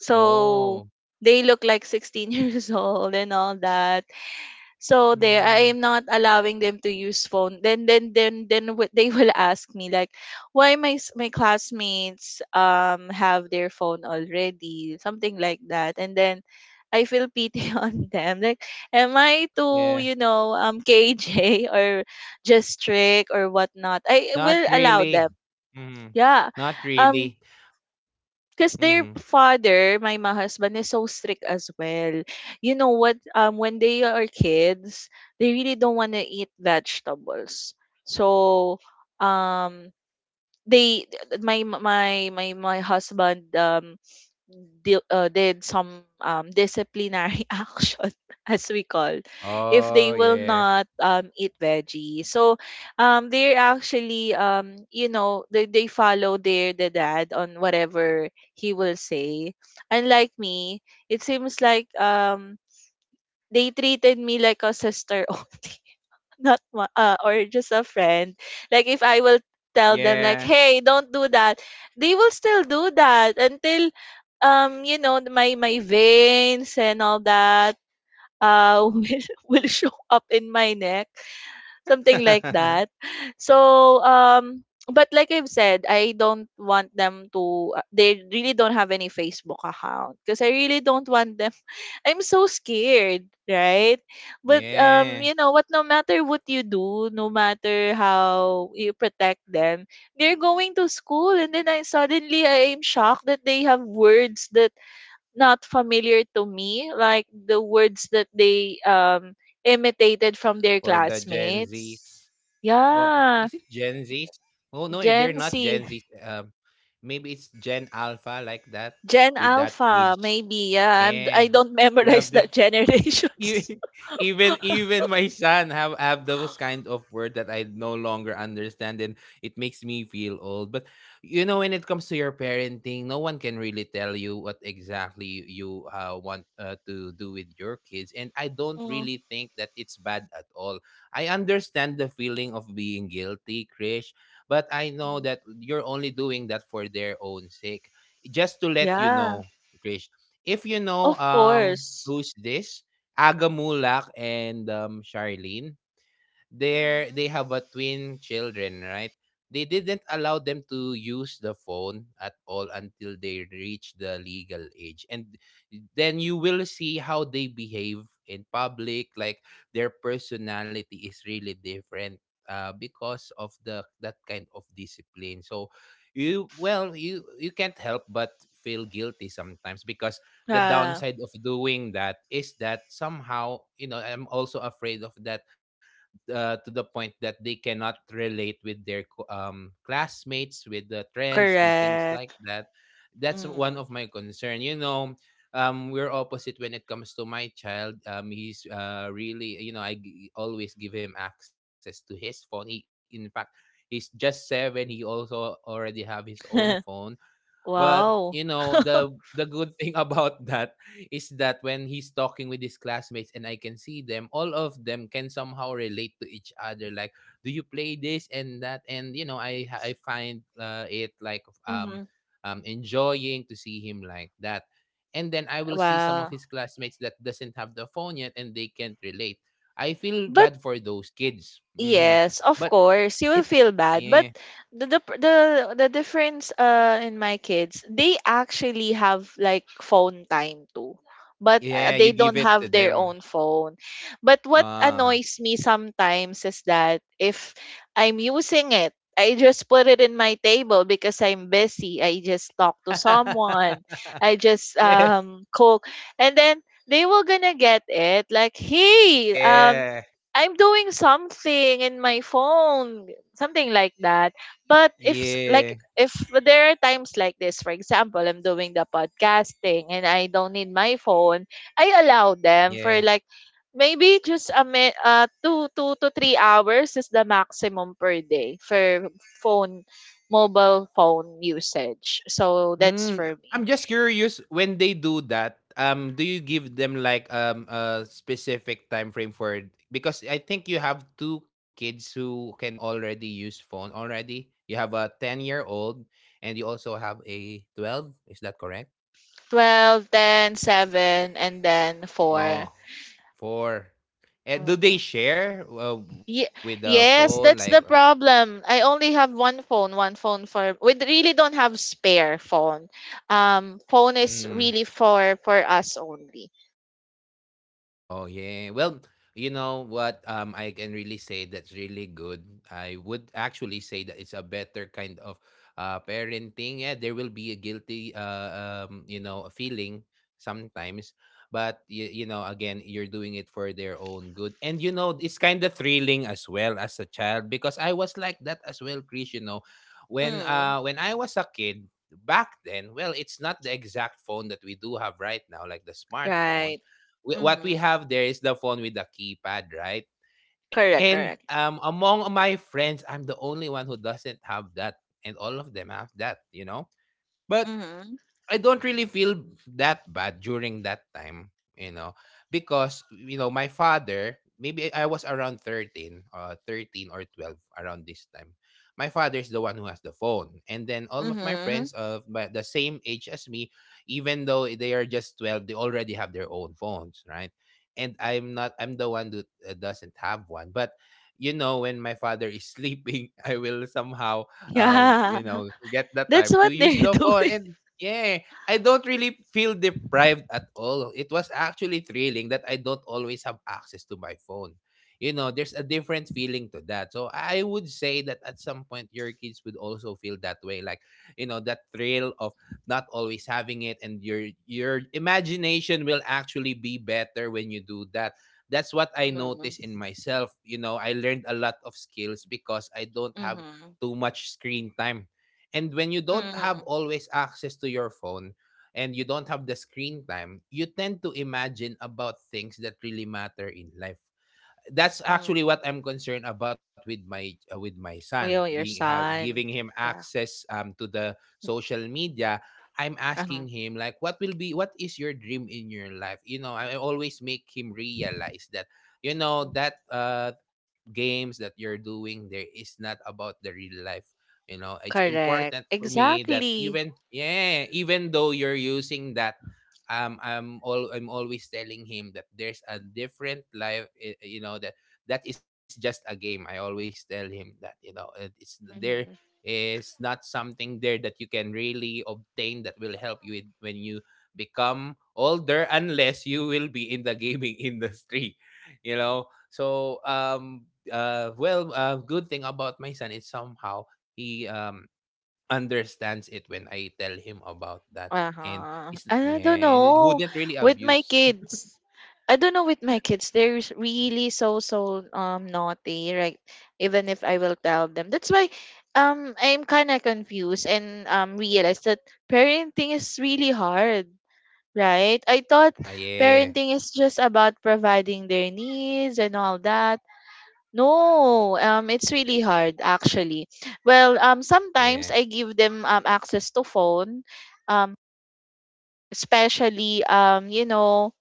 Speaker 2: So they look like sixteen years old and all that. So there,
Speaker 1: Mm,
Speaker 2: I am not allowing them to use phone. Then, then, then, then w- they will ask me like, why my s- my classmates um have their phone already, something like that. And then I feel pity on them. Like, am I too,
Speaker 1: yeah.
Speaker 2: you know, um K J or just strict or whatnot? I
Speaker 1: Not
Speaker 2: will allow
Speaker 1: really.
Speaker 2: them.
Speaker 1: Mhm.
Speaker 2: Yeah.
Speaker 1: Not
Speaker 2: Um,
Speaker 1: really.
Speaker 2: because their
Speaker 1: Mhm.
Speaker 2: father, my my husband, is so strict as well. You know what? Um, when they are kids, they really don't want to eat vegetables. So, um, they th- my my my my husband um di- uh, did some um, disciplinary action, as we call, if
Speaker 1: Oh,
Speaker 2: they will
Speaker 1: yeah.
Speaker 2: not um, eat veggie. So, um, they're actually, um, you know they, they follow their the dad on whatever he will say, unlike me. It seems like, um, they treated me like a sister only, not wa- uh, or just a friend. Like if I will tell them like,
Speaker 1: Yeah.
Speaker 2: hey, don't do that, they will still do that until, um you know th- my my veins and all that uh will, will show up in my neck, something like that. So, um, but like I've said, I don't want them to. uh, They really don't have any Facebook account because I really don't want them. I'm so scared, right? But um,
Speaker 1: Yeah.
Speaker 2: you know what, no matter what you do, no matter how you protect them, they're going to school, and then I suddenly I am shocked that they have words that not familiar to me, like the words that they um imitated from their
Speaker 1: For the Gen Zs.
Speaker 2: classmates.
Speaker 1: Or is it
Speaker 2: Yeah,
Speaker 1: Gen Zs? Oh no, eh, they're not
Speaker 2: Gen
Speaker 1: Gen
Speaker 2: Z,
Speaker 1: Zs. Um, maybe it's Gen Alpha like that
Speaker 2: Gen
Speaker 1: with that
Speaker 2: Alpha,
Speaker 1: age.
Speaker 2: maybe. Yeah, I'm, I
Speaker 1: Yeah,
Speaker 2: don't
Speaker 1: they
Speaker 2: memorize
Speaker 1: have
Speaker 2: the generations.
Speaker 1: E- even even my son have have those kind of word that I no longer understand, and it makes me feel old. But you know, when it comes to your parenting, no one can really tell you what exactly you uh, want uh, to do with your kids. And I don't
Speaker 2: Mm.
Speaker 1: really think that it's bad at all. I understand the feeling of being guilty, Krish, but I know
Speaker 2: Mm.
Speaker 1: that you're only doing that for their own sake. Just to let you
Speaker 2: Yeah,
Speaker 1: know, Krish, if you know
Speaker 2: of
Speaker 1: um
Speaker 2: course.
Speaker 1: who's this Aga Mulak and, um, Charlene. they they
Speaker 2: Mm.
Speaker 1: have a twin children, right? They didn't allow them to use the phone at all until they reach the legal age. And then you will see how they behave in public, like their personality is really different uh, because of the that kind of discipline. So you, well you you can't help but feel guilty sometimes, because the
Speaker 2: Yeah,
Speaker 1: downside of doing that is that somehow, you know, I'm also afraid of that, uh, to the point that they cannot relate with their co- um, classmates with the trends and things like
Speaker 2: correct.
Speaker 1: that. That's
Speaker 2: Mm.
Speaker 1: one of my concern, you know. Um, we're opposite when it comes to my child. Um, he's uh, really, you know, i g- always give him access to his phone. He, in fact, he's just seven. He also already have his own phone. But
Speaker 2: Wow.
Speaker 1: you know, the the good thing about that is that when he's talking with his classmates and I can see them, all of them can somehow relate to each other. Like, do you play this and that? And you know, I I find uh, it like um
Speaker 2: Mhm.
Speaker 1: um enjoying to see him like that. And then I will see some of
Speaker 2: Wow.
Speaker 1: his classmates that doesn't have the phone yet and they can't relate. I feel
Speaker 2: But
Speaker 1: bad for those kids. Hmm.
Speaker 2: yes, of
Speaker 1: But
Speaker 2: course. You will
Speaker 1: it,
Speaker 2: feel bad, but
Speaker 1: yeah,
Speaker 2: the the pr- the, the difference uh in my kids, they actually have like phone time too. But uh,
Speaker 1: yeah,
Speaker 2: they
Speaker 1: you
Speaker 2: don't
Speaker 1: give it
Speaker 2: have
Speaker 1: to
Speaker 2: their own
Speaker 1: them.
Speaker 2: phone. But what
Speaker 1: Ah.
Speaker 2: annoys me sometimes is that if I'm using it, I just put it in my table because I'm busy. I just talk to someone. I just
Speaker 1: Yeah.
Speaker 2: um cook, and then they were gonna get it like, hey, um
Speaker 1: Yeah.
Speaker 2: I'm doing something in my phone, something like that. But if s- like,
Speaker 1: Yeah.
Speaker 2: if there are times like this, for example, I'm doing the podcasting and I don't need my phone, I allow them for
Speaker 1: Yeah.
Speaker 2: like maybe just a mi- uh, two two to three hours is the maximum per day for phone mobile phone usage. So that's
Speaker 1: Mm,
Speaker 2: for me.
Speaker 1: I'm just curious when they do that, um, do you give them like um a specific time frame for it? Because I think you have two kids who can already use phone already. You have a ten-year-old and you also have a twelve, is that correct?
Speaker 2: Twelve, ten, seven, and then four.
Speaker 1: Oh, four. Eh, do
Speaker 2: Hmm.
Speaker 1: they share uh, with
Speaker 2: Ye-
Speaker 1: the phone like
Speaker 2: yes,
Speaker 1: uh.
Speaker 2: that's the problem. I only have one phone, one phone, for we really don't have spare phone. Um phone is really for for us only.
Speaker 1: Oh yeah. Well, you know what? Um, I can really say that's really good. I would actually say that it's a better kind of uh parenting. Yeah, there will be a guilty uh um you know a feeling sometimes, but you, you know, again, you're doing it for their own good, and you know it's kind of thrilling as well as a child, because I was like that as well, Chris. You know, when
Speaker 2: Mm,
Speaker 1: uh when I was a kid back then, well, it's not the exact phone that we do have right now, like the smartphone.
Speaker 2: right.
Speaker 1: We, what we
Speaker 2: Mm-hmm.
Speaker 1: have there is the phone with the keypad, right?
Speaker 2: Correct,
Speaker 1: And
Speaker 2: correct.
Speaker 1: um, among my friends, I'm the only one who doesn't have that, and all of them have that, you know. But
Speaker 2: Mm-hmm.
Speaker 1: I don't really feel that bad during that time, you know, because you know my father. Maybe I I was around thirteen, uh, thirteen or twelve around this time. My father's the one who has the phone, and then all of my
Speaker 2: Mm-hmm.
Speaker 1: friends of my, the same age as me, even though they are just twelve, they already have their own phones, right? And I'm not. I'm the one that uh, doesn't have one, but. You know, when my father is sleeping, I will somehow, um,
Speaker 2: Yeah.
Speaker 1: you know, get the
Speaker 2: That's
Speaker 1: time to
Speaker 2: what
Speaker 1: use
Speaker 2: they're
Speaker 1: the phone.
Speaker 2: doing.
Speaker 1: And yeah, I don't really feel deprived at all. It was actually thrilling that I don't always have access to my phone. You know, there's a different feeling to that. So I would say that at some point your kids would also feel that way, like, you know, that thrill of not always having it, and your your imagination will actually be better when you do that. That's what I noticed
Speaker 2: Mm-hmm.
Speaker 1: in myself. You know, I learned a lot of skills because I don't have
Speaker 2: Mm-hmm.
Speaker 1: too much screen time. And when you don't have
Speaker 2: Mm-hmm.
Speaker 1: always access to your phone and you don't have the screen time, you tend to imagine about things that really matter in life. That's actually
Speaker 2: Mm-hmm.
Speaker 1: what I'm concerned about with my uh, with my son
Speaker 2: Will
Speaker 1: being
Speaker 2: your
Speaker 1: have giving
Speaker 2: son.
Speaker 1: him
Speaker 2: Yeah.
Speaker 1: access um to the social media. I'm
Speaker 2: Uh-huh.
Speaker 1: asking him like what will be what is your dream in your life? You know, I always make him realize that you know that uh games that you're doing there is not about the real life. You know, it's
Speaker 2: Correct.
Speaker 1: important for me that
Speaker 2: Exactly.
Speaker 1: even yeah, even though you're using that, um I'm all I'm always telling him that there's a different life, eh, you know, that that is just a game. I always tell him that, you know, it- it's there is not something there that you can really obtain that will help you with when you become older, unless you will be in the gaming industry, you know. So um uh well uh good thing about my son is somehow he um understands it when I tell him about that. And
Speaker 2: Uh-huh.
Speaker 1: it's,
Speaker 2: I don't
Speaker 1: yeah, and it
Speaker 2: know.
Speaker 1: wouldn't really
Speaker 2: With my
Speaker 1: abuse.
Speaker 2: kids, I don't know, with my kids, they're s- really so so um naughty, right? Even if I will tell them. That's why um I'm kind of confused and um realized that parenting is really hard, right? I thought
Speaker 1: Ah yeah.
Speaker 2: parenting is just about providing their needs and all that. No, um it's really hard actually. Well, um
Speaker 1: Oh
Speaker 2: sometimes
Speaker 1: yeah.
Speaker 2: I give them um access to phone, um especially, um you know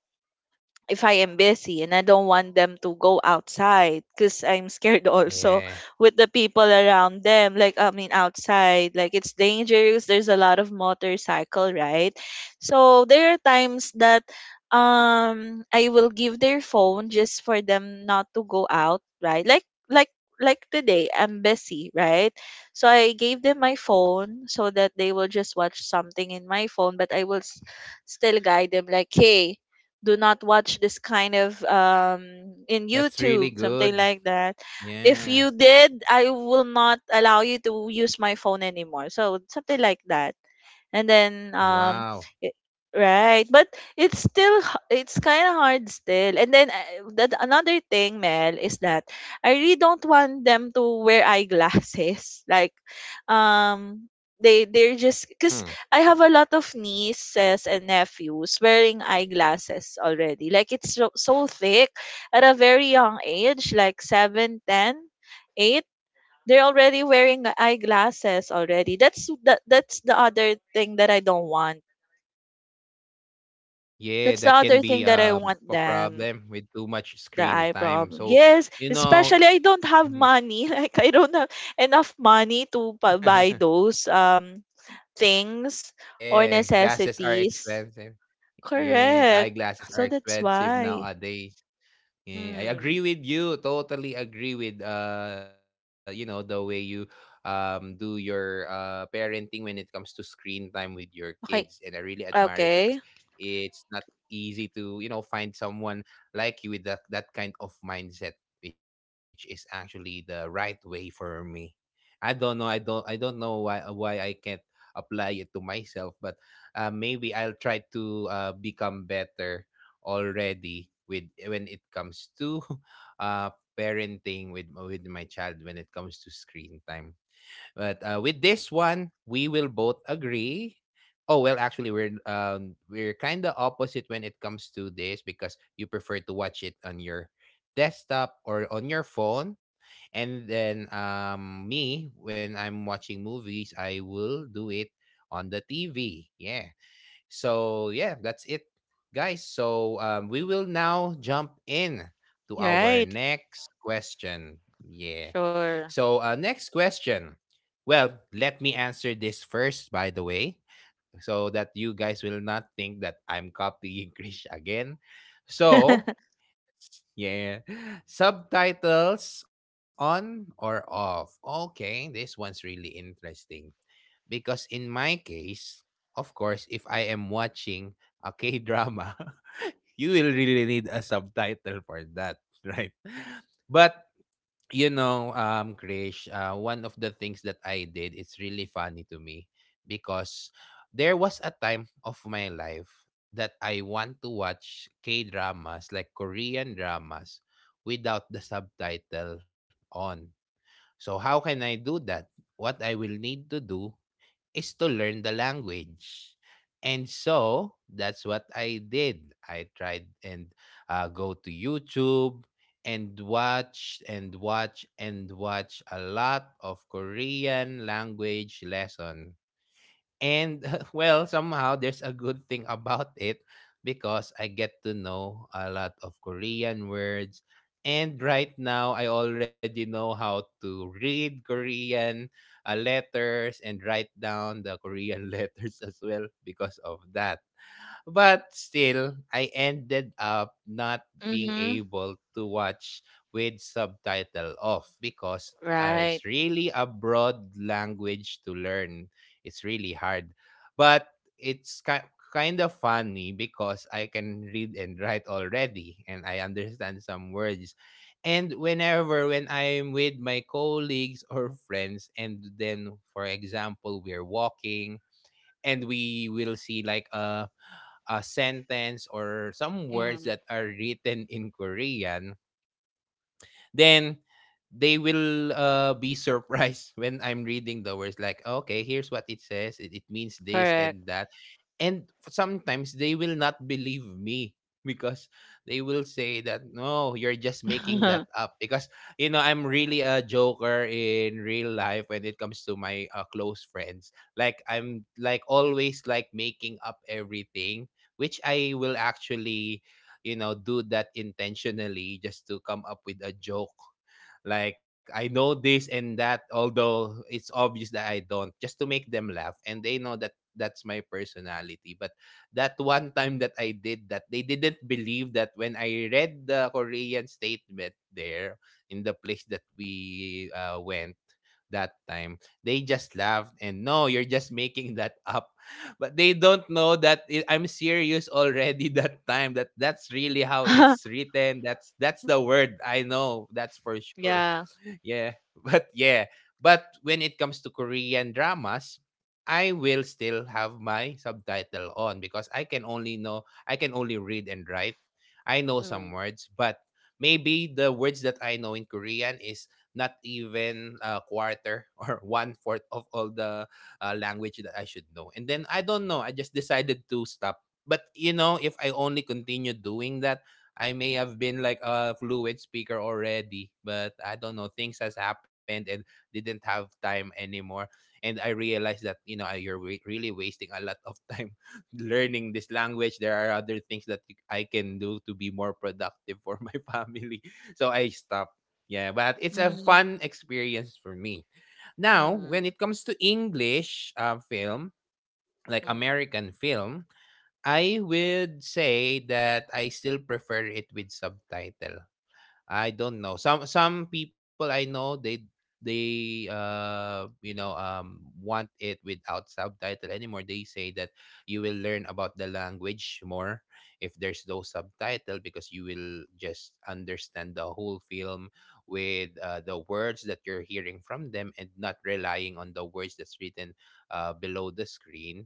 Speaker 2: if I am busy and I don't want them to go outside because I'm scared
Speaker 1: Yeah.
Speaker 2: also with the people around them. Like, I mean, outside, like it's dangerous. There's a lot of motorcycle, right? So there are times that um I will give their phone just for them not to go out, right? Like, like, like today, I'm busy, right? So I gave them my phone so that they will just watch something in my phone, but I will s- still guide them, like, hey, do not watch this kind of um in
Speaker 1: That's
Speaker 2: YouTube,
Speaker 1: really
Speaker 2: something
Speaker 1: good.
Speaker 2: like that. If
Speaker 1: Yeah.
Speaker 2: you did, I will not allow you to use my phone anymore. So something like that. And then, um
Speaker 1: Wow.
Speaker 2: it, right, but it's still h- it's kind of hard still. And then uh, that another thing, Mel, is that I really don't want them to wear eyeglasses like, um they they're just because
Speaker 1: Mm.
Speaker 2: I have a lot of nieces and nephews wearing eyeglasses already, like it's so, so thick at a very young age like seven, ten, eight. They're already wearing the eyeglasses already. That's that that's the other thing that I don't want.
Speaker 1: Yeah,
Speaker 2: That's the
Speaker 1: that can
Speaker 2: other
Speaker 1: be
Speaker 2: thing that I
Speaker 1: um,
Speaker 2: want
Speaker 1: a
Speaker 2: them.
Speaker 1: problem with too much
Speaker 2: The
Speaker 1: screen
Speaker 2: eye
Speaker 1: time.
Speaker 2: problem.
Speaker 1: So,
Speaker 2: Yes,
Speaker 1: you know,
Speaker 2: especially I don't have money. Like I don't have enough money to pa- buy those um things or
Speaker 1: yeah, glasses are
Speaker 2: necessities.
Speaker 1: expensive. Yeah,
Speaker 2: Correct.
Speaker 1: eyeglasses are
Speaker 2: So that's
Speaker 1: expensive
Speaker 2: why.
Speaker 1: nowadays. Yeah, I agree
Speaker 2: Hmm.
Speaker 1: with you. Totally agree with uh, you know, the way you um do your uh parenting when it comes to screen time with your kids.
Speaker 2: Okay.
Speaker 1: And I really admire it because
Speaker 2: Okay.
Speaker 1: it's not easy to, you know, find someone like you with that that kind of mindset, which is actually the right way for me. I don't know, I don't I don't know why why I can't apply it to myself, but uh maybe I'll try to uh become better already with when it comes to uh parenting with with my child when it comes to screen time. But uh, with this one, we will both agree. Oh well, actually, we're um we're kind of opposite when it comes to this, because you prefer to watch it on your desktop or on your phone, and then um me, when I'm watching movies, I will do it on the T V. Yeah, so yeah, that's it, guys. So um, we will now jump in to our
Speaker 2: Right.
Speaker 1: next question. Yeah.
Speaker 2: Sure.
Speaker 1: So uh, next question. Well, let me answer this first, by the way, so that you guys will not think that I'm copying Krish again. So yeah, subtitles on or off. Okay, this one's really interesting. Because in my case, of course, if I am watching a K drama, you will really need a subtitle for that, right? But you know, um, Krish, uh, one of the things that I did, it's really funny to me because there was a time of my life that I want to watch K dramas, like Korean dramas, without the subtitle on. So, how can I do that? What I will need to do is to learn the language. And so that's what I did. I tried and uh, go to YouTube and watch and watch and watch a lot of Korean language lesson. And well, somehow there's a good thing about it because I get to know a lot of Korean words. And right now, I already know how to read Korean uh, letters and write down the Korean letters as well because of that. But still, I ended up not being
Speaker 2: Mm-hmm.
Speaker 1: able to watch with subtitle off because uh,
Speaker 2: Right.
Speaker 1: it's really a broad language to learn. It's really hard. But it's ki- kind of funny because I can read and write already and I understand some words. And whenever when I'm with my colleagues or friends, and then for example, we're walking and we will see like a a sentence or some words
Speaker 2: Mm.
Speaker 1: that are written in Korean, then they will uh, be surprised when I'm reading the words like, okay, here's what it says. It, it means this
Speaker 2: Correct.
Speaker 1: and that. And f- sometimes they will not believe me because they will say that, no, you're just making that up. Because, you know, I'm really a joker in real life when it comes to my uh, close friends. Like, I'm like always like making up everything, which I will actually you know, do that intentionally just to come up with a joke. Like I know this and that, although it's obvious that I don't, just to make them laugh, and they know that that's my personality. But that one time that I did that, they didn't believe that when I read the Korean statement there in the place that we uh, went that time, they just laughed and no, you're just making that up, but they don't know that it, I'm serious already that time. That that's really how it's written. That's that's the word I know. That's for sure,
Speaker 2: Yeah.
Speaker 1: yeah but yeah, but when it comes to Korean dramas, I will still have my subtitle on because i can only know I can only read and write. I know some
Speaker 2: Mm.
Speaker 1: words, but maybe the words that I know in Korean is not even a quarter or one fourth of all the uh, language that I should know. And then I don't know, I just decided to stop. But you know, if I only continue doing that, I may have been like a fluid speaker already, but I don't know. Things has happened and didn't have time anymore. And I realized that you know I- you're wa- really wasting a lot of time learning this language. There are other things that you- I can do to be more productive for my family. So I stopped. Yeah, but it's a
Speaker 2: Mhm.
Speaker 1: fun experience for me. Now, when
Speaker 2: Mhm.
Speaker 1: it comes to English uh, film, like
Speaker 2: Mhm.
Speaker 1: American film, I would say that I still prefer it with subtitle. I don't know. Some some people I know, they they uh you know um want it without subtitle anymore. They say that you will learn about the language more if there's no subtitle, because you will just understand the whole film with uh, the words that you're hearing from them and not relying on the words that's written uh, below the screen,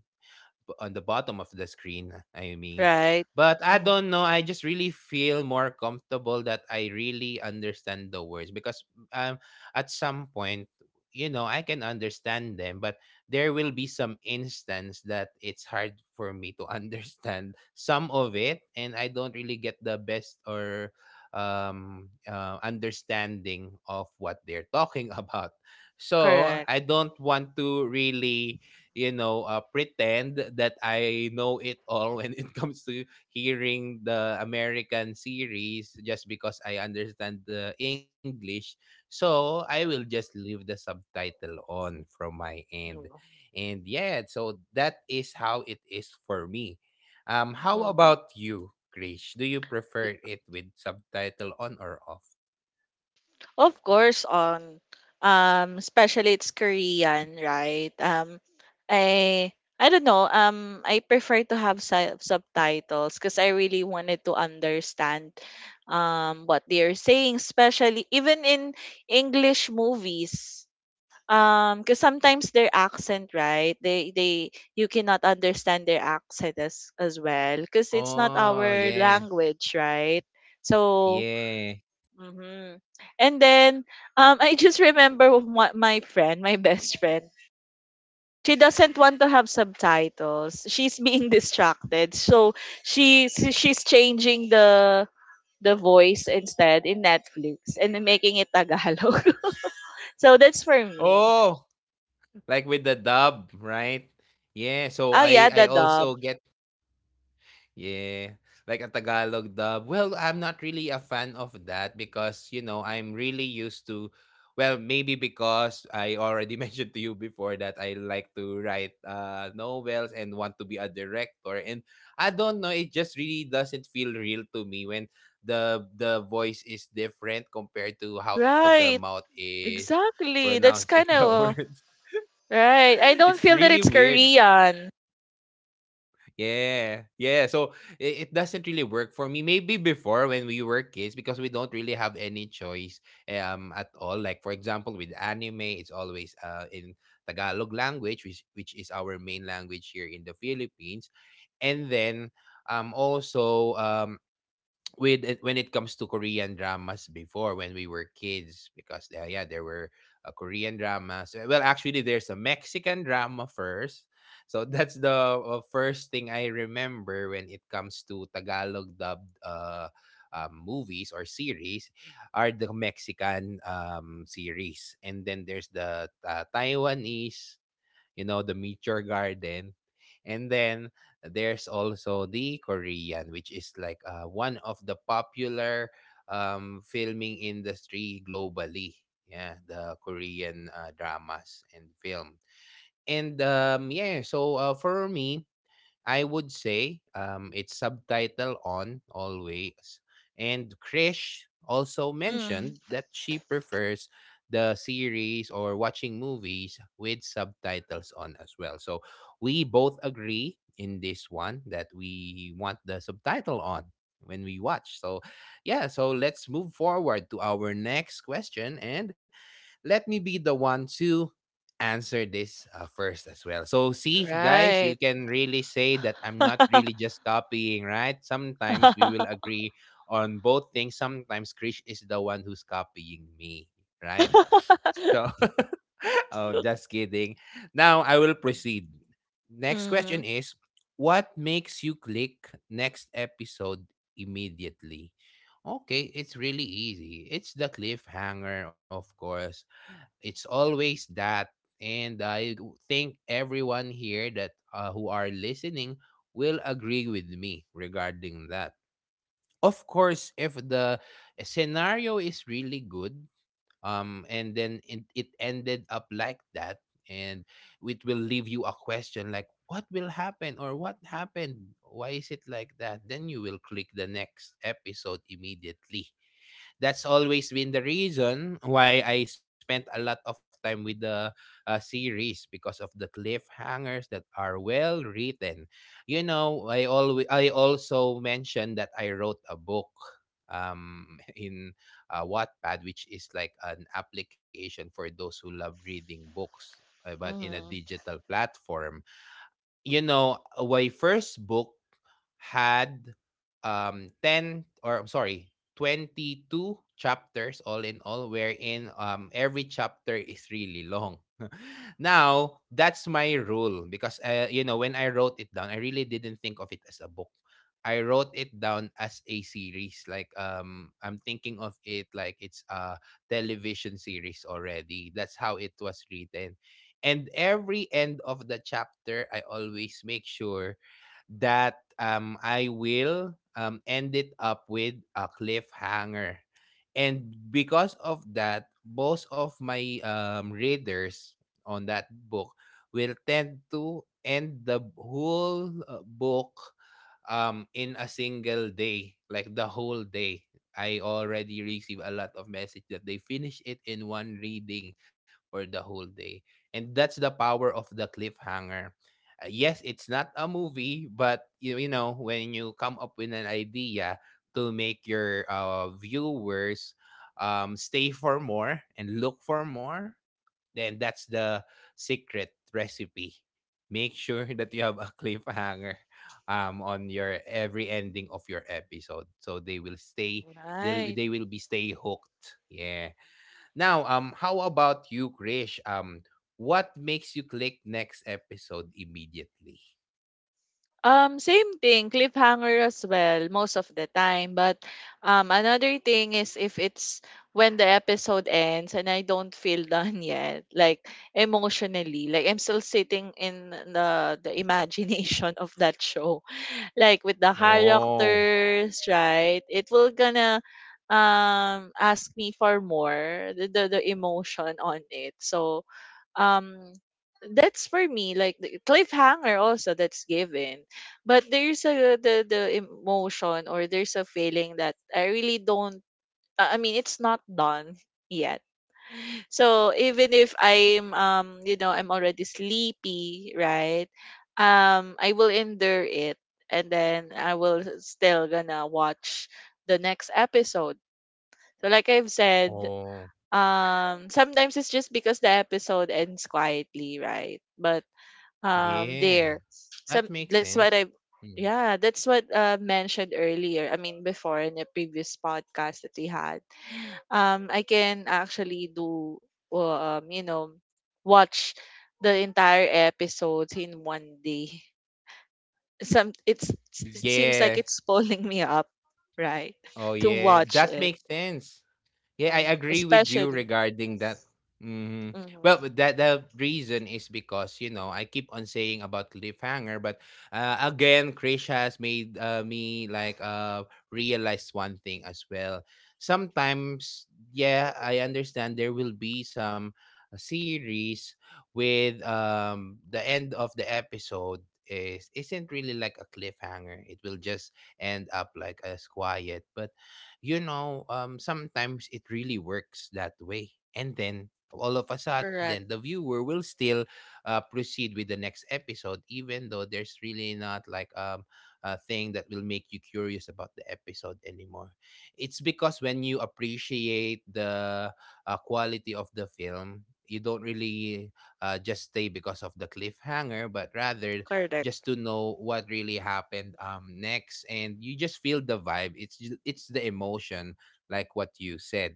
Speaker 1: b- on the bottom of the screen, I mean.
Speaker 2: Right.
Speaker 1: But I
Speaker 2: Mm-hmm.
Speaker 1: don't know. I just really feel more comfortable that I really understand the words. Because um, at some point, you know, I can understand them, but there will be some instance that it's hard for me to understand some of it, and I don't really get the best or um, uh, understanding of what they're talking about. So
Speaker 2: Correct.
Speaker 1: I don't want to really you know uh, pretend that I know it all when it comes to hearing the American series just because I understand the English. So I will just leave the subtitle on from my end.
Speaker 2: No.
Speaker 1: And yeah, so that is how it is for me. Um, how
Speaker 2: Mm.
Speaker 1: about you, Krish? Do you
Speaker 2: Y-
Speaker 1: prefer it with subtitle on or off?
Speaker 2: Of course, on, um, especially it's Korean, right? Um, I I don't know. Um, I prefer to have sub subtitles because I really wanted to understand um what they are saying, especially even in English movies. Um because sometimes their accent, right, they they you cannot understand their accent as as well, because it's not
Speaker 1: Oh
Speaker 2: our
Speaker 1: yeah,
Speaker 2: language, right? So,
Speaker 1: yeah.
Speaker 2: mhm. And then, um I just remember my, my friend, my best friend, she doesn't want to have subtitles, she's being distracted, so she's she's changing the the voice instead in Netflix and then making it Tagalog. So that's for me.
Speaker 1: Oh. Like with the dub, right? Yeah, so
Speaker 2: Oh
Speaker 1: I
Speaker 2: yeah,
Speaker 1: I
Speaker 2: the dub.
Speaker 1: also get, yeah, like a Tagalog dub. Well, I'm not really a fan of that because, you know, I'm really used to, well, maybe because I already mentioned to you before that I like to write uh novels and want to be a director. And I don't know, it just really doesn't feel real to me when the the voice is different compared to how the mouth
Speaker 2: Right.
Speaker 1: is pronouncing
Speaker 2: Exactly.
Speaker 1: the
Speaker 2: That's kind
Speaker 1: words.
Speaker 2: of right.
Speaker 1: It's
Speaker 2: I
Speaker 1: really
Speaker 2: don't feel that it's
Speaker 1: weird.
Speaker 2: Korean.
Speaker 1: Yeah, yeah. So it, it doesn't really work for me. Maybe before when we were kids, because we don't really have any choice um at all. Like for example, with anime, it's always uh in Tagalog language, which which is our main language here in the Philippines. And then um also um with it- when it comes to Korean dramas before, when we were kids, because yeah, yeah, there were uh, Korean dramas. Uh, well actually, there's a Mexican drama first. So that's the uh, first thing I remember when it comes to Tagalog dubbed uh, um, movies or series are the Mexican um, series. And then there's the uh, Taiwanese, you know, the Meteor Garden. And then there's also the Korean, which is like uh, one of the popular um, filming industry globally. Yeah, the Korean uh, dramas and film. And um, yeah, so uh, for me, I would say um, it's subtitle on always. And Krish also
Speaker 2: Mm.
Speaker 1: mentioned that she prefers the series or watching movies with subtitles on as well. So we both agree in this one that we want the subtitle on when we watch. So yeah, so let's move forward to our next question. And let me be the one to answer this uh, first as well. So see guys,
Speaker 2: Right.
Speaker 1: you can really say that I'm not really just copying, right? Sometimes we will agree on both things. Sometimes Krish is the one who's copying me, right? So oh, just kidding. Now I will proceed. Next
Speaker 2: Mm-hmm.
Speaker 1: question is, what makes you click next episode immediately? Okay, it's really easy. It's the cliffhanger, of course. It's always that. And I w- think everyone here that uh, who are listening will agree with me regarding that. Of course, if the scenario is really good, um, and then it, it ended up like that, and it will leave you a question like, what will happen or what happened? Why is it like that? Then you will click the next episode immediately. That's always been the reason why I spent a lot of time with the uh, series, because of the cliffhangers that are well written. You know, I always I also mentioned that I wrote a book um in uh, Wattpad, which is like an application for those who love reading books, uh, but in a
Speaker 2: Mm-hmm.
Speaker 1: digital platform. You know, uh, my first book had um ten, or I'm sorry, twenty-two chapters all in all, wherein um every chapter is really long now that's my rule, because uh, you know, when I wrote it down, I really didn't think of it as a book. I wrote it down as a series, like um I'm thinking of it like it's a television series already. That's how it was written. And every end of the chapter, I always make sure that um, I will um, end it up with a cliffhanger. And because of that, both of my um, readers on that book will tend to end the whole uh, book um, in a single day, like the whole day. I already receive a lot of message that they finish it in one reading for the whole day. And that's the power of the cliffhanger. Uh, yes, it's not a movie, but you, you know, when you come up with an idea to make your uh, viewers um, stay for more and look for more, then that's the secret recipe. Make sure that you have a cliffhanger um, on your every ending of your episode, so they will stay. They
Speaker 2: Right.
Speaker 1: they will be stay hooked. Yeah, now, um, how about you, Krish? Um, what makes you click next episode immediately?
Speaker 2: Um, same thing, cliffhanger as well, most of the time. But, um, another thing is, if it's when the episode ends and I don't feel done yet, like emotionally, like I'm still sitting in the the imagination of that show, like with the
Speaker 1: Oh,
Speaker 2: characters, right? It will gonna, um ask me for more, the the, the emotion on it. So, um that's for me, like, the cliffhanger also, that's given, but there's a the the emotion, or there's a feeling that I really don't, i I mean, it's not done yet. So even if I'm, um you know I'm already sleepy, right? Um I will endure it and then I will still gonna watch the next episode. So like I've said,
Speaker 1: oh,
Speaker 2: um sometimes it's just because the episode ends quietly, right? But um
Speaker 1: yeah.
Speaker 2: there
Speaker 1: That
Speaker 2: some
Speaker 1: makes
Speaker 2: that's what
Speaker 1: sense.
Speaker 2: I,
Speaker 1: Mm.
Speaker 2: yeah, that's what uh mentioned earlier. I mean before, in a previous podcast that we had, um I can actually do, uh, um you know watch the entire episodes in one day. Some it's it seems like
Speaker 1: Yeah.
Speaker 2: it's pulling me up, right?
Speaker 1: Oh,
Speaker 2: To
Speaker 1: yeah.
Speaker 2: watch
Speaker 1: That
Speaker 2: it.
Speaker 1: makes sense. Yeah, I
Speaker 2: Mhm.
Speaker 1: agree with you
Speaker 2: Especially.
Speaker 1: regarding that. Hmm.
Speaker 2: Hmm.
Speaker 1: Well, but that the reason is because you know I keep on saying about cliffhanger, but uh, again, Krish has made uh, me like uh realize one thing as well. Sometimes, yeah, I understand there will be some series with um the end of the episode is isn't really like a cliffhanger. It will just end up like as quiet, but you know, um, sometimes it really works that way. And then all of a sudden, the
Speaker 2: Correct,
Speaker 1: viewer will still uh, proceed with the next episode, even though there's really not like um, a thing that will make you curious about the episode anymore. It's because when you appreciate the uh, quality of the film, you don't really uh, just stay because of the cliffhanger, but rather just
Speaker 2: correct.
Speaker 1: to know what really happened um next. And you just feel the vibe. It's ju- it's the emotion, like what you said.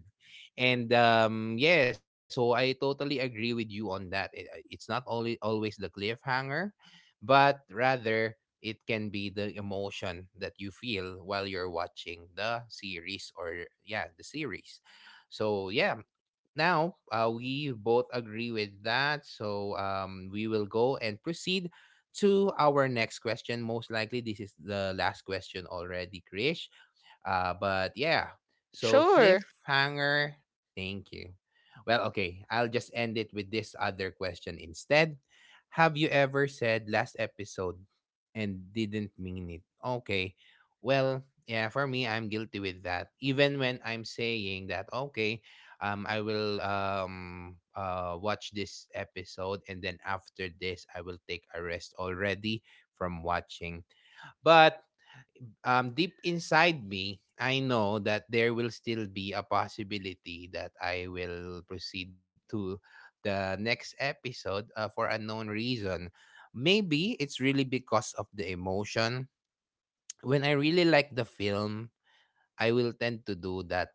Speaker 1: And um yeah, so I totally agree with you on that. It, uh, it's not only always the cliffhanger, but rather it can be the emotion that you feel while you're watching the series, or yeah, the series. So yeah, now uh, we both agree with that. So um, we will go and proceed to our next question. Most likely, this is the last question already, Krish. Uh, but yeah, so
Speaker 2: Sure.
Speaker 1: cliffhanger. Thank you. Well, okay, I'll just end it with this other question instead. Have you ever said last episode and didn't mean it? Okay. Well, yeah, for me, I'm guilty with that. Even when I'm saying that, okay, um, I will um uh watch this episode and then after this, I will take a rest already from watching. But um, deep inside me, I know that there will still be a possibility that I will proceed to the next episode uh, for unknown reason. Maybe it's really because of the emotion. When I really like the film, I will tend to do that,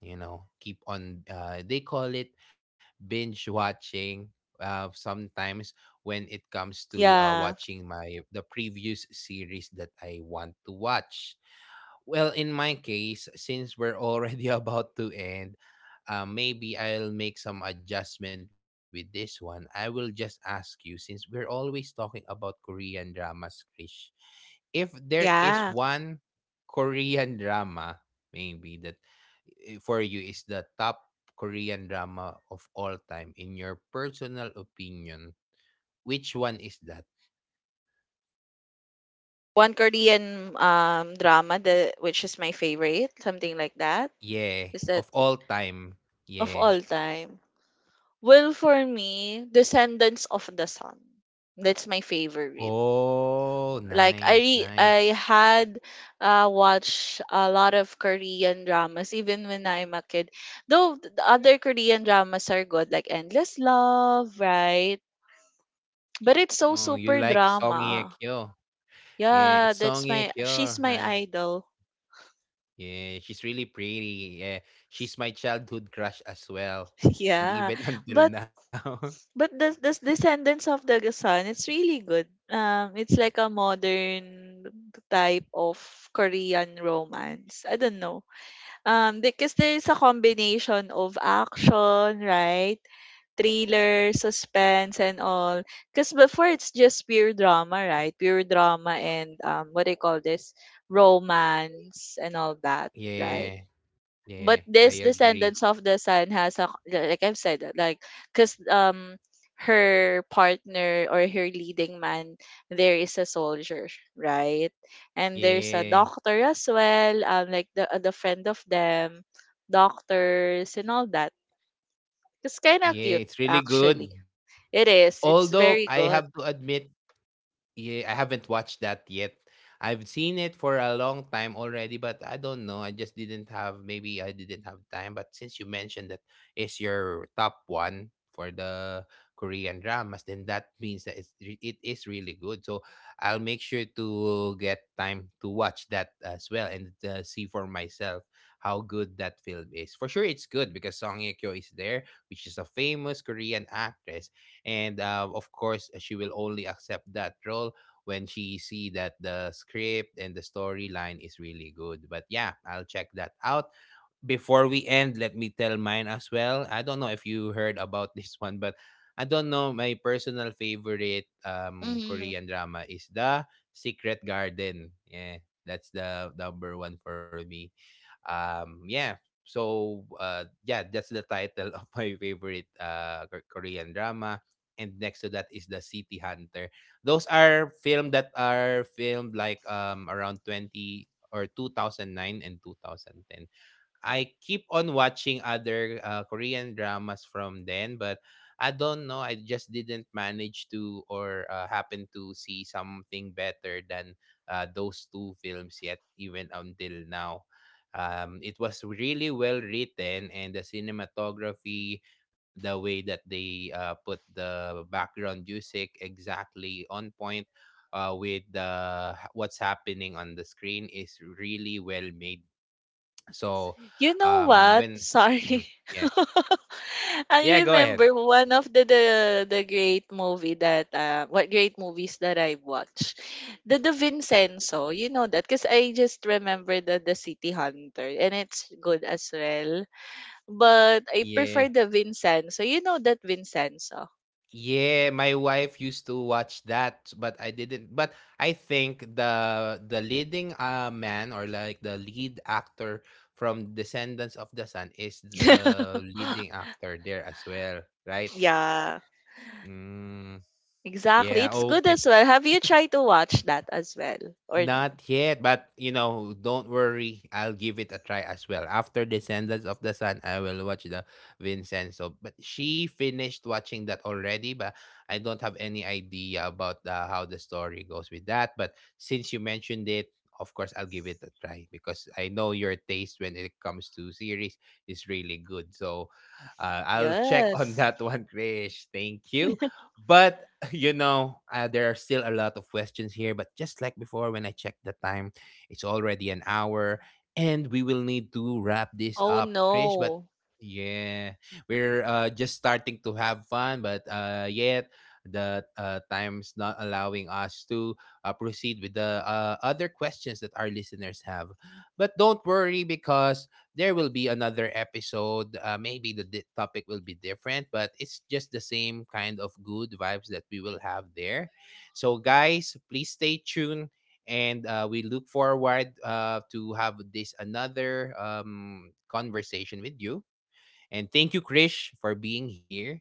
Speaker 1: you know, keep on, uh, they call it binge watching. Uh, sometimes when it comes to uh,
Speaker 2: Yeah,
Speaker 1: watching my the previous series that I want to watch well, in my case, since we're already about to end, uh, maybe I'll make some adjustment with this one. I will just ask you, since we're always talking about Korean dramas, Krish, if there is
Speaker 2: yeah.
Speaker 1: one Korean drama, maybe that eh, for you is the top Korean drama of all time, in your personal opinion, which one is that?
Speaker 2: One Korean um drama that which is my favorite, something like that.
Speaker 1: Yeah,
Speaker 2: Is that
Speaker 1: of all time.
Speaker 2: of
Speaker 1: Yeah.
Speaker 2: all time? Well, for me, Descendants of the Sun. That's my favorite.
Speaker 1: Oh,
Speaker 2: Like I
Speaker 1: nice,
Speaker 2: re- I
Speaker 1: nice.
Speaker 2: had uh watched a lot of Korean dramas even when I'm a kid. Though th- the other Korean dramas are good like Endless Love, right? But it's so
Speaker 1: Oh, you
Speaker 2: super
Speaker 1: like Song Hye
Speaker 2: drama.
Speaker 1: Kyo. Yeah,
Speaker 2: Yeah,
Speaker 1: it's
Speaker 2: that's
Speaker 1: Song
Speaker 2: my
Speaker 1: Hye
Speaker 2: she's
Speaker 1: Kyo,
Speaker 2: my
Speaker 1: right?
Speaker 2: idol.
Speaker 1: Yeah, she's really pretty. Yeah, she's my childhood crush as well.
Speaker 2: Yeah.
Speaker 1: And even
Speaker 2: But
Speaker 1: until now.
Speaker 2: But the the Descendants of the Sun, it's really good. Um, it's like a modern type of Korean romance. I don't know. Um, because there's a combination of action, right? Thriller, suspense, and all. Because before it's just pure drama, right? Pure drama and, um, what do you call this? Romance and all that, right?
Speaker 1: Yeah,
Speaker 2: But
Speaker 1: yeah,
Speaker 2: this
Speaker 1: I
Speaker 2: Descendants of
Speaker 1: agree.
Speaker 2: the Sun has a, like I've said that, like, because um her partner, or her leading man there, is a soldier, right? And there's a doctor
Speaker 1: Yeah,
Speaker 2: as well, um like the uh, the friend of them, doctors and all that. It's kind of cute,
Speaker 1: yeah, it's really
Speaker 2: actually.
Speaker 1: good.
Speaker 2: It is. It's
Speaker 1: Although
Speaker 2: very
Speaker 1: I
Speaker 2: good.
Speaker 1: have to admit, yeah, I haven't watched that yet. I've seen it for a long time already, but I don't know. I just didn't have, maybe I didn't have time. But since you mentioned that is your top one for the Korean dramas, then that means that it's re- it is really good. So I'll make sure to get time to watch that as well and uh, see for myself how good that film is. For sure, it's good because Song Ye Kyo is there, which is a famous Korean actress and uh, of course she will only accept that role when she see that the script and the storyline is really good, but yeah, I'll check that out. Before we end, let me tell mine as well. I don't know if you heard about this one, but I don't know. My personal favorite um
Speaker 2: Mm-hmm.
Speaker 1: Korean drama is The Secret Garden. Yeah, that's the number one for me. Um, yeah. So uh, yeah, that's the title of my favorite uh K- Korean drama. And next to that is The City Hunter. Those are film that are filmed like um around twenty or two thousand nine and two thousand ten. I keep on watching other uh, Korean dramas from then, but I don't know. I just didn't manage to or uh, happen to see something better than uh, those two films yet, even until now. Um, it was really well written, and the cinematography, the way that they uh, put the background music exactly on point uh, with the what's happening on the screen is really well made. So,
Speaker 2: You know
Speaker 1: um,
Speaker 2: what?
Speaker 1: when, mhm,
Speaker 2: Sorry.
Speaker 1: yeah, yeah,
Speaker 2: I
Speaker 1: go ahead.
Speaker 2: remember one of the the, the great movie that uh, what great movies that I watched. The The Vincenzo, you know that, because I just remember the the City Hunter, and it's good as well. But I prefer
Speaker 1: Yeah,
Speaker 2: the Vincenzo. You know that Vincenzo.
Speaker 1: yeah, my wife used to watch that, but I didn't. But I think the the leading uh man or like the lead actor from Descendants of the Sun is the leading actor there as well, right?
Speaker 2: Yeah.
Speaker 1: Mm,
Speaker 2: Exactly.
Speaker 1: yeah.
Speaker 2: It's good
Speaker 1: Okay.
Speaker 2: as well. Have you tried to watch that as well or no?
Speaker 1: Not yet, but you know, don't worry. I'll give it a try as well. After Descendants of the Sun, I will watch the Vincenzo. But she finished watching that already, but I don't have any idea about uh, how the story goes with that. But since you mentioned it, of course, I'll give it a try because I know your taste when it comes to series is really good. So uh, I'll check on
Speaker 2: Yes.
Speaker 1: that one, Krish. Thank you. But you know, uh, there are still a lot of questions here, but just like before, when I checked the time, it's already an hour, and we will need to wrap this
Speaker 2: Oh
Speaker 1: up, Krish. But
Speaker 2: no.
Speaker 1: yeah, we're uh, just starting to have fun, but uh, yet the uh, time's not allowing us to uh, proceed with the uh, other questions that our listeners have. But don't worry because there will be another episode. Uh, maybe the di- topic will be different, but it's just the same kind of good vibes that we will have there. So, guys, please stay tuned, and uh, we look forward uh, to have this another um, conversation with you. And thank you, Krish, for being here.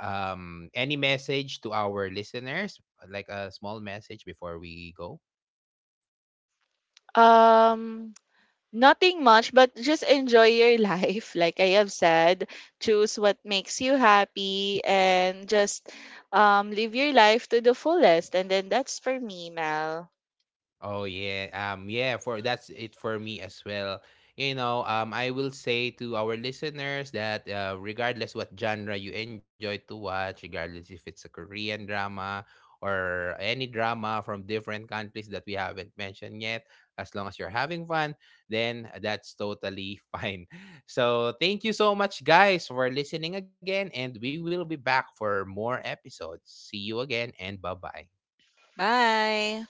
Speaker 1: Um, any message to our listeners, like a small message before we go?
Speaker 2: Um, nothing much, but just enjoy your life. Like I have said, choose what makes you happy and just, um, live your life to the fullest. And then that's for me, Mel.
Speaker 1: Oh yeah, um, yeah. For that's it for me as well. You know, um, I will say to our listeners that uh, regardless what genre you enjoy to watch, regardless if it's a Korean drama or any drama from different countries that we haven't mentioned yet, as long as you're having fun, then that's totally fine. So thank you so much, guys, for listening again, and we will be back for more episodes. See you again, and bye bye.
Speaker 2: Bye.